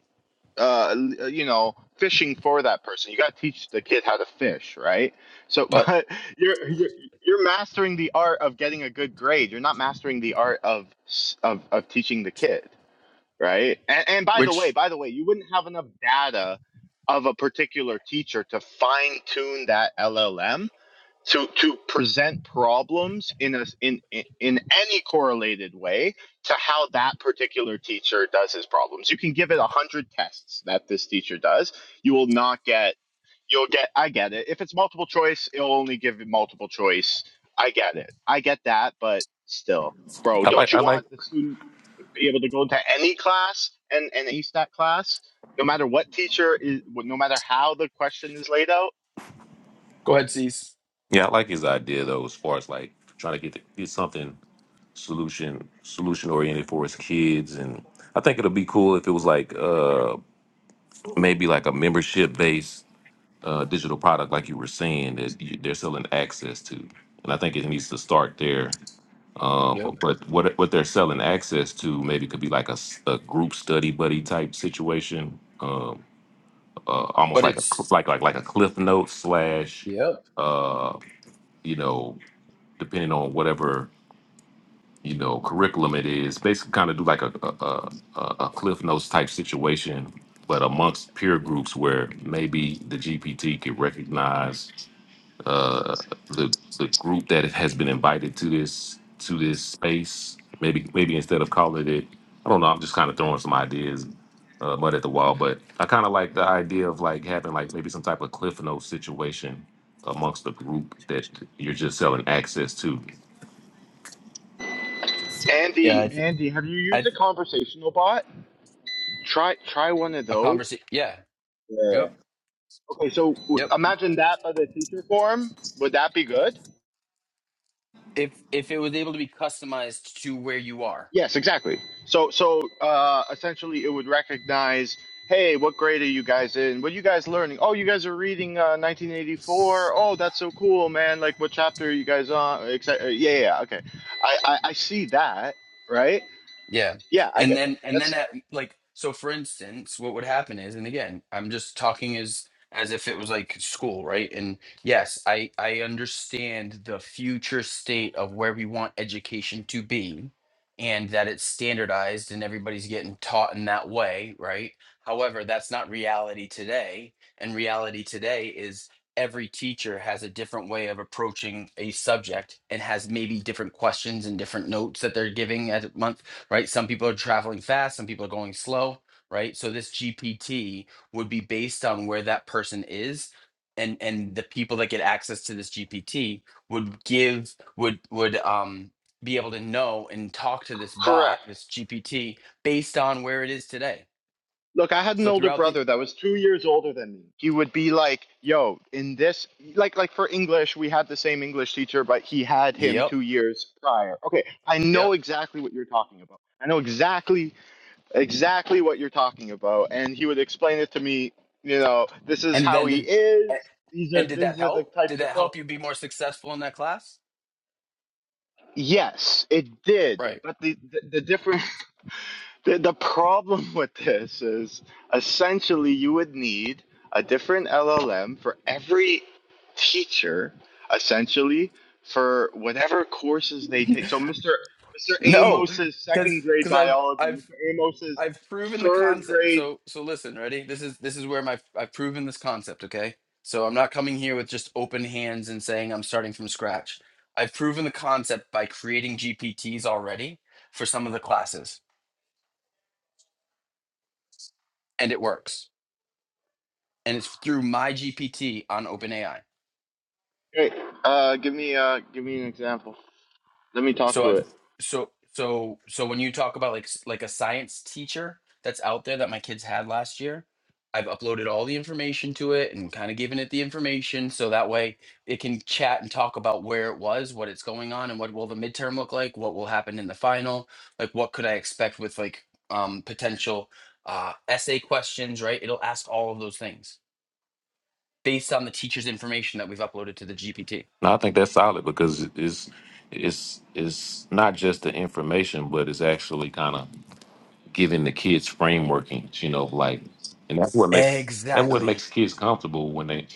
uh, you know, fishing for that person. You got to teach the kid how to fish, right? So, But but you're, you're you're mastering the art of getting a good grade. You're not mastering the art of s- of of teaching the kid, right? And, and by the way, which by the way, you wouldn't have enough data of a particular teacher to fine tune that LLM to to present problems in a in in in any correlated way to how that particular teacher does his problems. You can give it a hundred tests that this teacher does. You will not get. You'll get. I get it. If it's multiple choice, it'll only give you multiple choice. I get it. I get that. But still, bro, i don't like i you like want the student to be able to go into any class and and ace that class? No matter what teacher is, no matter how the question is laid out, go ahead, Cease. yeah i like his idea though as far as like trying to get the, get something solution solution oriented for his kids and i think it'll be cool if it was like uh maybe like a membership based uh, digital product, like you were saying, that you, they're selling access to. And I think it needs to start there. Yep. Um, but what what they're selling access to maybe could be like a, s- a group study buddy type situation, um, uh, almost But like a it's cl- like like like a cliff note slash, Yep. uh, you know, depending on whatever you know curriculum it is basically kind of do like a a, a a cliff notes type situation but amongst peer groups where maybe the gpt could recognize uh the the group that has been invited to this to this space maybe maybe instead of calling it i don't know i'm just kind of throwing some ideas uh, mud at the wall but i kind of like the idea of like having like maybe some type of cliff notes situation amongst the group that you're just selling access to Yeah, I Andy, think Andy, have you I used a conversational bot? Try try one of a those. conversation. Yeah, Yeah. yep, Okay, so w- yep. imagine that by the teacher form. Would that be good? If if it was able to be customized to where you are, Yes, exactly. So so uh, essentially, it would recognize, hey, what grade are you guys in? What are you guys learning? Oh, you guys are reading uh, 1984. Oh, that's so cool, man. Like, what chapter are you guys on? Exce- uh, Yeah, yeah. yeah, Okay, I, I I see that. Right? Yeah. Yeah, I And get that. then and then That's at like so for instance, what would happen is, and again, I'm just talking as as if it was like school, right? And yes, I I understand the future state of where we want education to be and that it's standardized and everybody's getting taught in that way, right? However, that's not reality today. And reality today is every teacher has a different way of approaching a subject and has maybe different questions and different notes that they're giving at month right? Some people are traveling fast, some people are going slow, right? So this GPT would be based on where that person is. And, and the people that get access to this GPT would give would would um, be able to know and talk to this bot correct. this GPT based on where it is today. Look, I had an So older throughout the brother that was two years older than me. He would be like, "Yo, in this, like, like for English, we had the same English teacher, but he had him yep two years prior." Okay, I know yep exactly what you're talking about. I know exactly, exactly what you're talking about, and he would explain it to me. You know, this is and how then he did a- is. These and are did that these are the help? Did types of that help questions. you be more successful in that class? Yes, it did, Right. but the the, the difference. The, the problem with this is essentially you would need a different LLM for every teacher, essentially for whatever courses they take. So Mr. Mr. No, Amos's because second grade because I've biology, I've Mr. Amos's I've proven the third concept. grade. So so listen, ready? This is this is where my I've proven this concept, okay? So I'm not coming here with just open hands and saying I'm starting from scratch. I've proven the concept by creating GPTs already for some of the classes and it works. And it's through my GPT on OpenAI. Hey, uh, give me uh, give me an example. Let me talk So to I've it. so so so when you talk about like s- like a science teacher that's out there that my kids had last year, I've uploaded all the information to it and kind of given it the information so that way it can chat and talk about where it was, what it's going on, and what will the midterm look like, what will happen in the final, like what could I expect with like um potential uh essay questions, right? It'll ask all of those things based on the teacher's information that we've uploaded to the GPT. No, I think that's solid because it's it's it's not just the information, but it's actually kind of giving the kids frameworkings. You know, like, and that's what makes that what Exactly. makes kids comfortable when they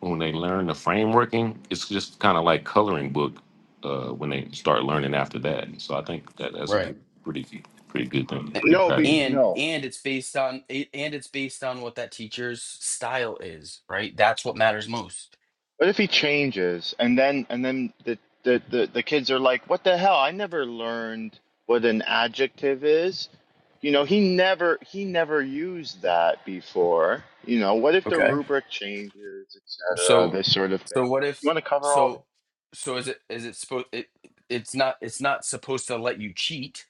when they learn the frameworking. It's just kind of like coloring book uh, when they start learning after that. So I think that that's a pretty pretty good thing, pretty good No, be, idea. and no. and it's based on it- and it's based on what that teacher's style is right that's what matters most What if he changes and then and then the, the the the kids are like, "What the hell? I never learned what an adjective is." You know, he never he never used that before. You know, what if the okay rubric changes, etc., so this sort of so thing. what You if want to cover so all so is it is it supposed it, it's not it's not supposed to let you cheat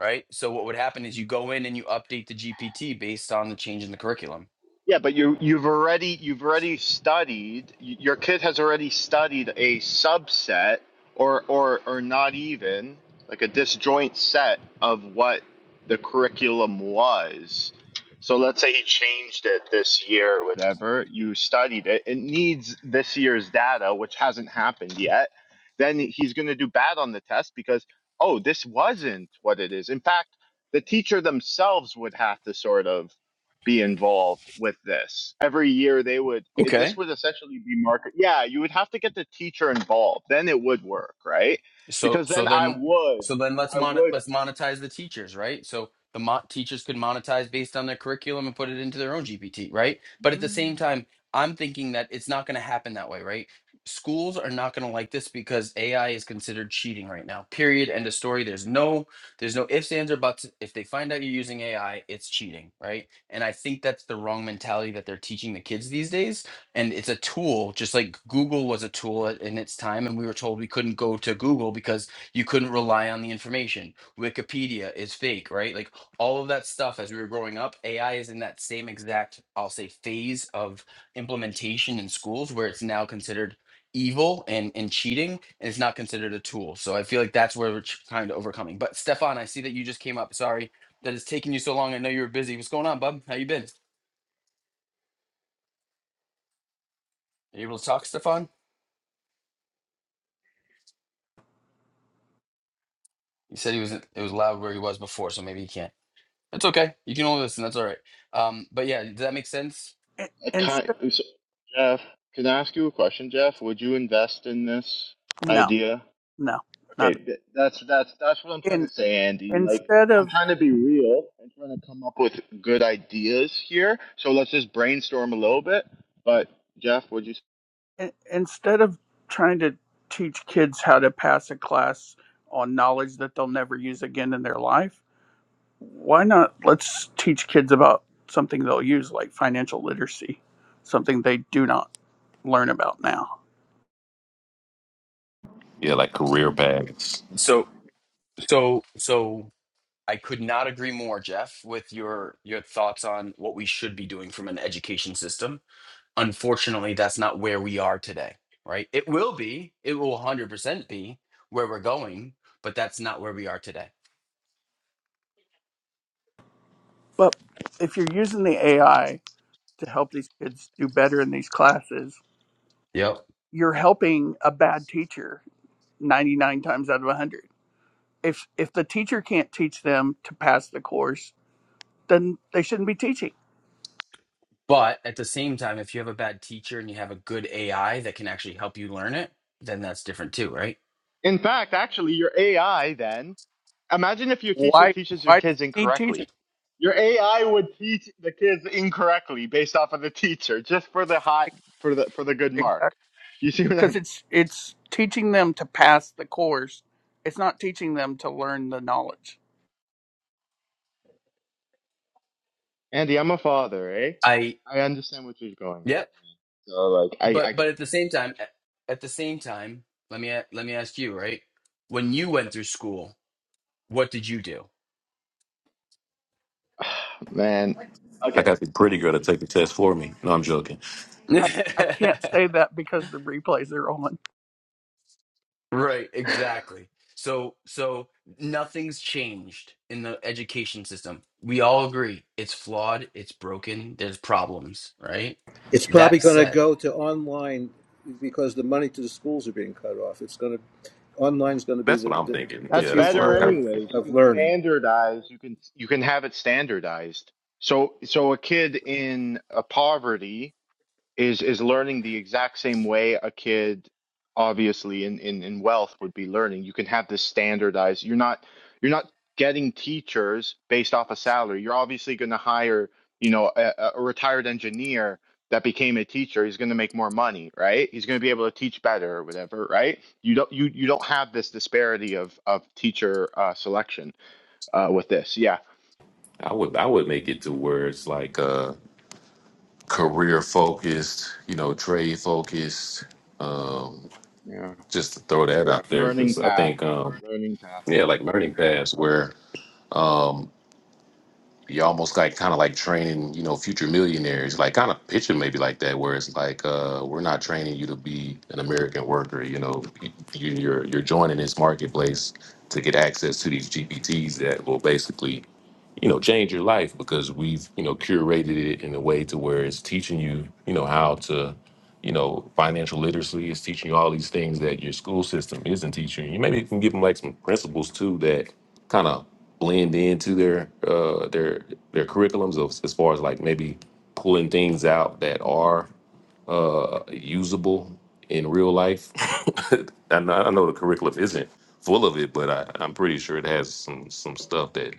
right so what would happen is you go in and you update the gpt based on the change in the curriculum Yeah, but you you've already you've already studied y- your kid has already studied a subset or or or not even like a disjoint set of what the curriculum was. So let's say he changed it this year or whatever, you studied it. It needs this year's data which hasn't happened yet. Then he's going to do bad on the test because oh, this wasn't what it is. In fact, the teacher themselves would have to sort of be involved with this. Every year they would it, Okay. this would essentially be market. Yeah, you would have to get the teacher involved. Then it would work, right? So Because so then I then would so then let's I mon would let's monetize the teachers, right? So the mo- teachers could monetize based on their curriculum and put it into their own GPT, right? But at the same Mm. time, I'm thinking that it's not going to happen that way, right? Schools are not going to like this because AI is considered cheating right now. Period. End of story. There's no there's no ifs, ands, or buts. If they find out you're using AI, it's cheating, right? And I think that's the wrong mentality that they're teaching the kids these days and it's a tool just like google was a tool at- in its time and we were told we couldn't go to google because you couldn't rely on the information wikipedia is fake right like all of that stuff as we were growing up ai is in that same exact i'll say phase of implementation in schools where it's now considered evil and and cheating and it's not considered a tool so i feel like that's where we're tr- kind of overcoming but stefan i see that you just came up sorry that it's taking you so long i know you were busy what's going on bub how you been Are you able to talk stefan He said he was it was loud where he was before, so maybe he can't. That's okay. You can only listen. That's all right. Um, but yeah, does that make sense? in- I kind instead of, so, Jeff, can I ask you a question, Jeff? Would you invest in this no, idea? no, Okay, not th- that's that's that's what I'm trying in to say, Andy. Like instead I'm of trying to be real and trying to come up with good ideas here. So let's just brainstorm a little bit. But Jeff, would you? in, instead of trying to teach kids how to pass a class on knowledge that they'll never use again in their life why not let's teach kids about something they'll use like financial literacy something they do not learn about now Yeah, like career paths. So so so I could not agree more, Jeff, with your your thoughts on what we should be doing from an education system. Unfortunately, that's not where we are today, right? It will be. It will 100% be where we're going, but that's not where we are today. but if you're using the ai to help these kids do better in these classes Yep. you're helping a bad teacher 99 times out of 100 if if the teacher can't teach them to pass the course then they shouldn't be teaching But at the same time, if you have a bad teacher and you have a good AI that can actually help you learn it, then that's different too, right? In fact, actually, your AI then, imagine if your teacher why teaches your why do kids we need teaching incorrectly. Your AI would teach the kids incorrectly based off of the teacher, just for the high, for the for the good mark. exactly You see what because I'm? it's it's teaching them to pass the course it's not teaching them to learn the knowledge Andy, I'm a father, eh? I I understand what you're going through, Yep. man. So like, I I But get but at the same time, at the same time, let me a- let me ask you, right? When you went through school, what did you do? it, man. I Okay, got the pretty girl to take the test for me. No, I'm joking. I, I can't say that because the replays are on. right, exactly. So so nothing's changed in the education system. We all agree it's flawed, it's broken, there's problems, right? It's probably That going to said, go to online because the money to the schools are being cut off. It's going to online's going to be That's the, what I'm the, thinking. the that's Yeah, that's what future better I'm kind of, of. anyways. You of can learning. standardize. You can you can have it standardized. So so a kid in a poverty is is learning the exact same way a kid obviously in, in in wealth would be learning you can have this standardized you're not you're not getting teachers based off a salary you're obviously going to hire you know a, a retired engineer that became a teacher he's going to make more money right he's going to be able to teach better or whatever right you don't you you don't have this disparity of of teacher uh, selection uh, with this yeah I would I would make it to where it's like uh career focused, you know, trade focused. Um, yeah just to throw that out there learning because I path think um learning path yeah, so. like learning paths where um, You're almost like kind of like training, you know, future millionaires. Like kind of picture maybe like that, where it's like uh, we're not training you to be an American worker. You know, you, you're you're joining this marketplace to get access to these GPTs that will basically you know change your life because we've you know curated it in a way to where it's teaching you you know how to you know, financial literacy is teaching you all these things that your school system isn't teaching you. You Maybe can give them like some principles too that kind of blend into their uh, their their curriculums of, as far as like maybe pulling things out that are uh, usable in real life. I, know, I know the curriculum isn't full of it, but I, I'm pretty sure it has some some stuff that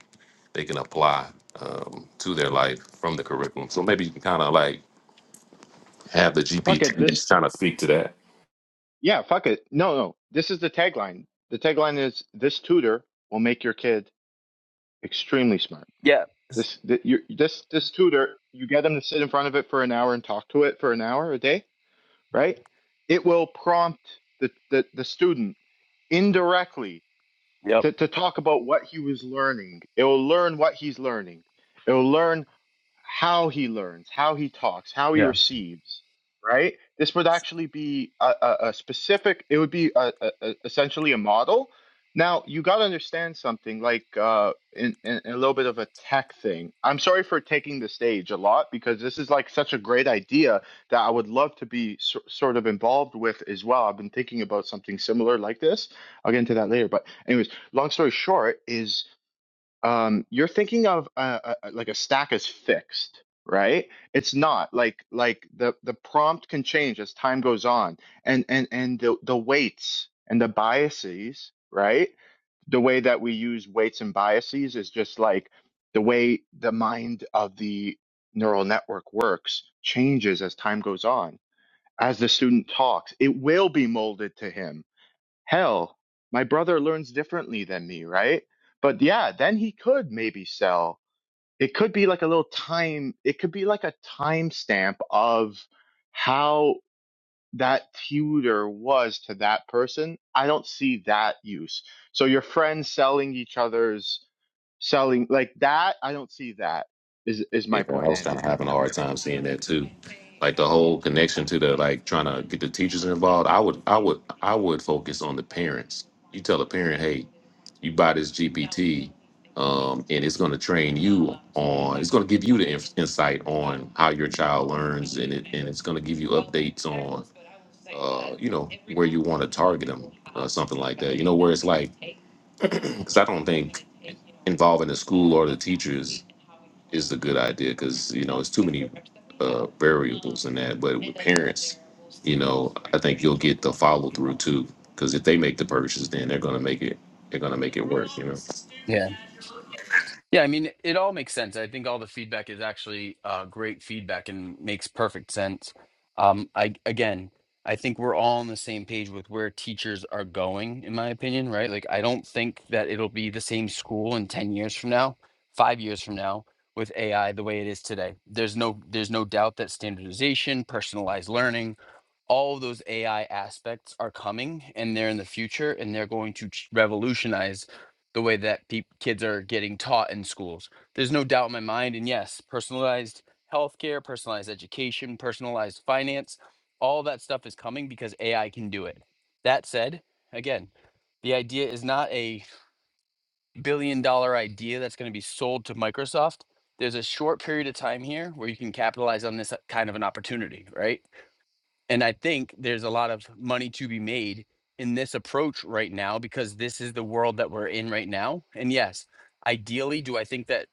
they can apply um, to their life from the curriculum. So maybe you can kind of like have the fuck it GPT just this kind of speak to that. Yeah, fuck it. No, no. This is the tagline. The tagline is this tutor will make your kid extremely smart. Yeah. This th- you this this tutor, you get them to sit in front of it for an hour and talk to it for an hour a day, right? It will prompt the the, the student indirectly to, to talk about what he was learning. It will learn what he's learning. It will learn how he learns, how he talks, how he receives, right? This would actually be a, a, a specific, it would be a, a, a- essentially a model. Now, you got to understand something like uh, in, in, in a little bit of a tech thing. I'm sorry for taking the stage a lot because this is like such a great idea that I would love to be so, sort of involved with as well. I've been thinking about something similar like this. I'll get into that later. But, anyways, long story short is um, you're thinking of uh, uh, like a stack is fixed, right? It's not like like the the prompt can change as time goes on, and and and the the weights and the biases, right? The way that we use weights and biases is just like the way the mind of the neural network works changes as time goes on. As the student talks, it will be molded to him hell, my brother learns differently than me, right? But yeah, then he could maybe sell. It could be like a little time, it could be like a timestamp of how that tutor was to that person. I don't see that use. So your friends selling each other's selling like that, I don't see that is is Yeah, my I point, was Andy. kind of Does having a that make hard sense? time seeing that too. Like the whole connection to the like trying to get the teachers involved. I would, I would, I would focus on the parents. You tell a parent, hey, you buy this GPT, um, and it's going to train you on. It's going to give you the inf- insight on how your child learns, and it and it's going to give you updates on, uh, you know, where you want to target them, uh, something like that. You know, where it's like, because I don't think involving the school or the teachers is a good idea because you know it's too many uh, variables in that. But with parents, you know, I think you'll get the follow through too because if they make the purchase, then they're gonna make it. They're gonna make it work. You know. Yeah, I mean, it all makes sense. I think all the feedback is actually uh, great feedback and makes perfect sense. Um, I again, I think we're all on the same page with where teachers are going, in my opinion, right? Like, I don't think that it'll be the same school in ten years from now, five years from now, with AI the way it is today. There's no, there's no doubt that standardization, personalized learning, all of those AI aspects are coming and they're in the future and they're going to ch- revolutionize the way that peop kids are getting taught in schools. There's no doubt in my mind. And yes, personalized healthcare, personalized education, personalized finance, all that stuff is coming because AI can do it. That said, again, the idea is not a billion dollar idea that's going to be sold to Microsoft. There's a short period of time here where you can capitalize on this uh, kind of an opportunity, right? And I think there's a lot of money to be made in this approach right now because this is the world that we're in right now. And yes, ideally, do I think that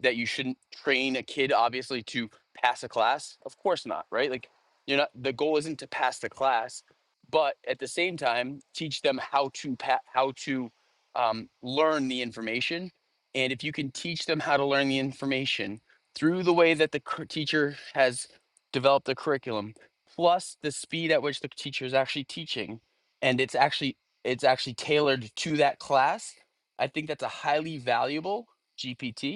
that you shouldn't train a kid obviously to pass a class of course not right like you're not the goal isn't to pass the class but at the same time teach them how to pa- how to um, learn the information and if you can teach them how to learn the information through the way that the cur- teacher has developed the curriculum plus the speed at which the teacher is actually teaching and it's actually it's actually tailored to that class i think that's a highly valuable gpt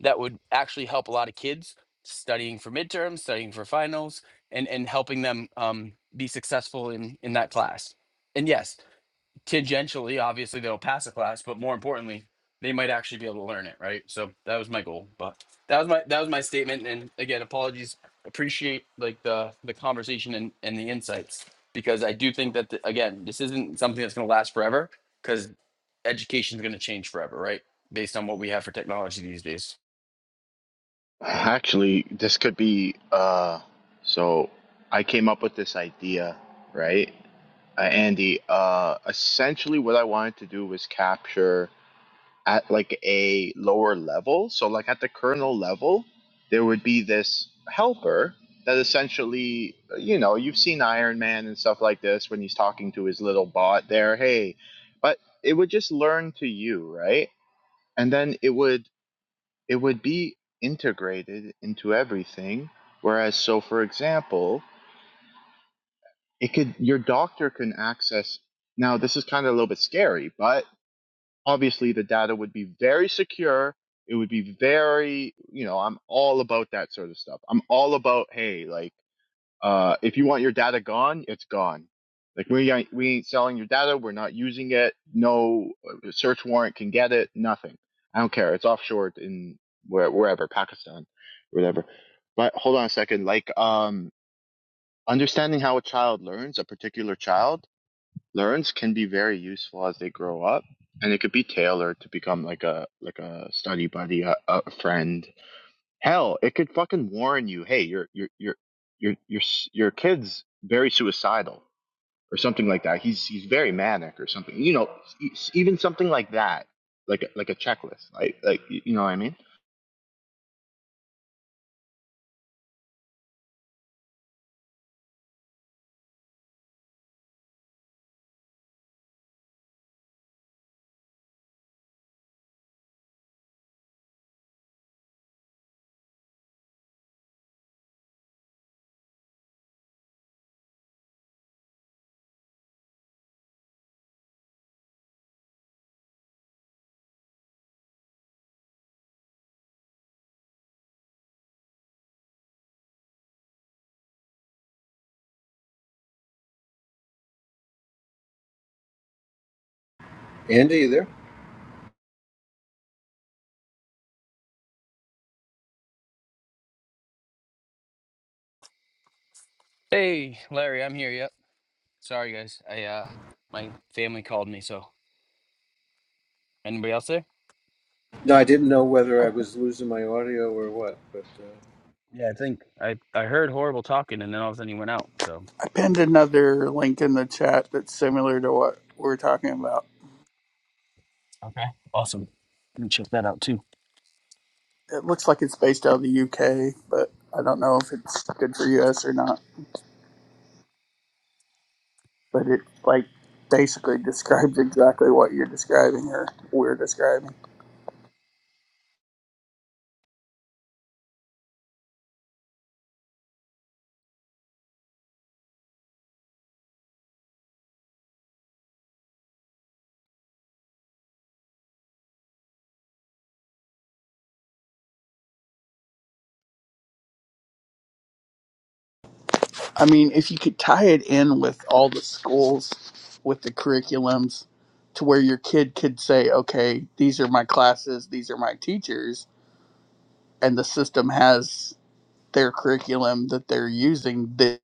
that would actually help a lot of kids studying for midterms, studying for finals, and and helping them um, be successful in in that class. And yes, tangentially, obviously they'll pass a class, but more importantly, they might actually be able to learn it, right? So that was my goal. But that was my that was my statement. And again, apologies. Appreciate like the the conversation and and the insights because I do think that the, again, this isn't something that's going to last forever because education is going to change forever, right? Based on what we have for technology these days. Actually, this could be uh so I came up with this idea, right? uh, Andy, uh, essentially what I wanted to do was capture at like a lower level. So like at the kernel level, there would be this helper that essentially, you know, you've seen Iron Man and stuff like this when he's talking to his little bot there, hey, but it would just learn to you, right? And then it would it would be integrated into everything. Whereas so for example, it could your doctor can access now this is kind of a little bit scary but obviously the data would be very secure it would be very you know i'm all about that sort of stuff i'm all about hey like uh if you want your data gone it's gone like we ain't, we ain't selling your data we're not using it no uh, search warrant can get it nothing i don't care it's offshore in where, wherever pakistan whatever but hold on a second like um understanding how a child learns a particular child learns can be very useful as they grow up and it could be tailored to become like a like a study buddy a, a friend hell it could fucking warn you hey your your your your your your kid's very suicidal or something like that he's he's very manic or something you know e- even something like that like like a checklist like like you know what i mean Andy, you there? Hey, Larry, I'm here. Yep. Sorry, guys. I uh, my family called me. So, anybody else there? No, I didn't know whether I, I was losing my audio or what, but. Uh, Yeah, I think I I heard horrible talking, and then all of a sudden you went out. So. I pinned another link in the chat that's similar to what we're talking about. Okay. Awesome. Let me check that out too. It looks like it's based out of the UK, but I don't know if it's good for US or not. But it like basically describes exactly what you're describing or we're describing. I mean, if you could tie it in with all the schools, with the curriculums, to where your kid could say, okay, these are my classes, these are my teachers, and the system has their curriculum that they're using,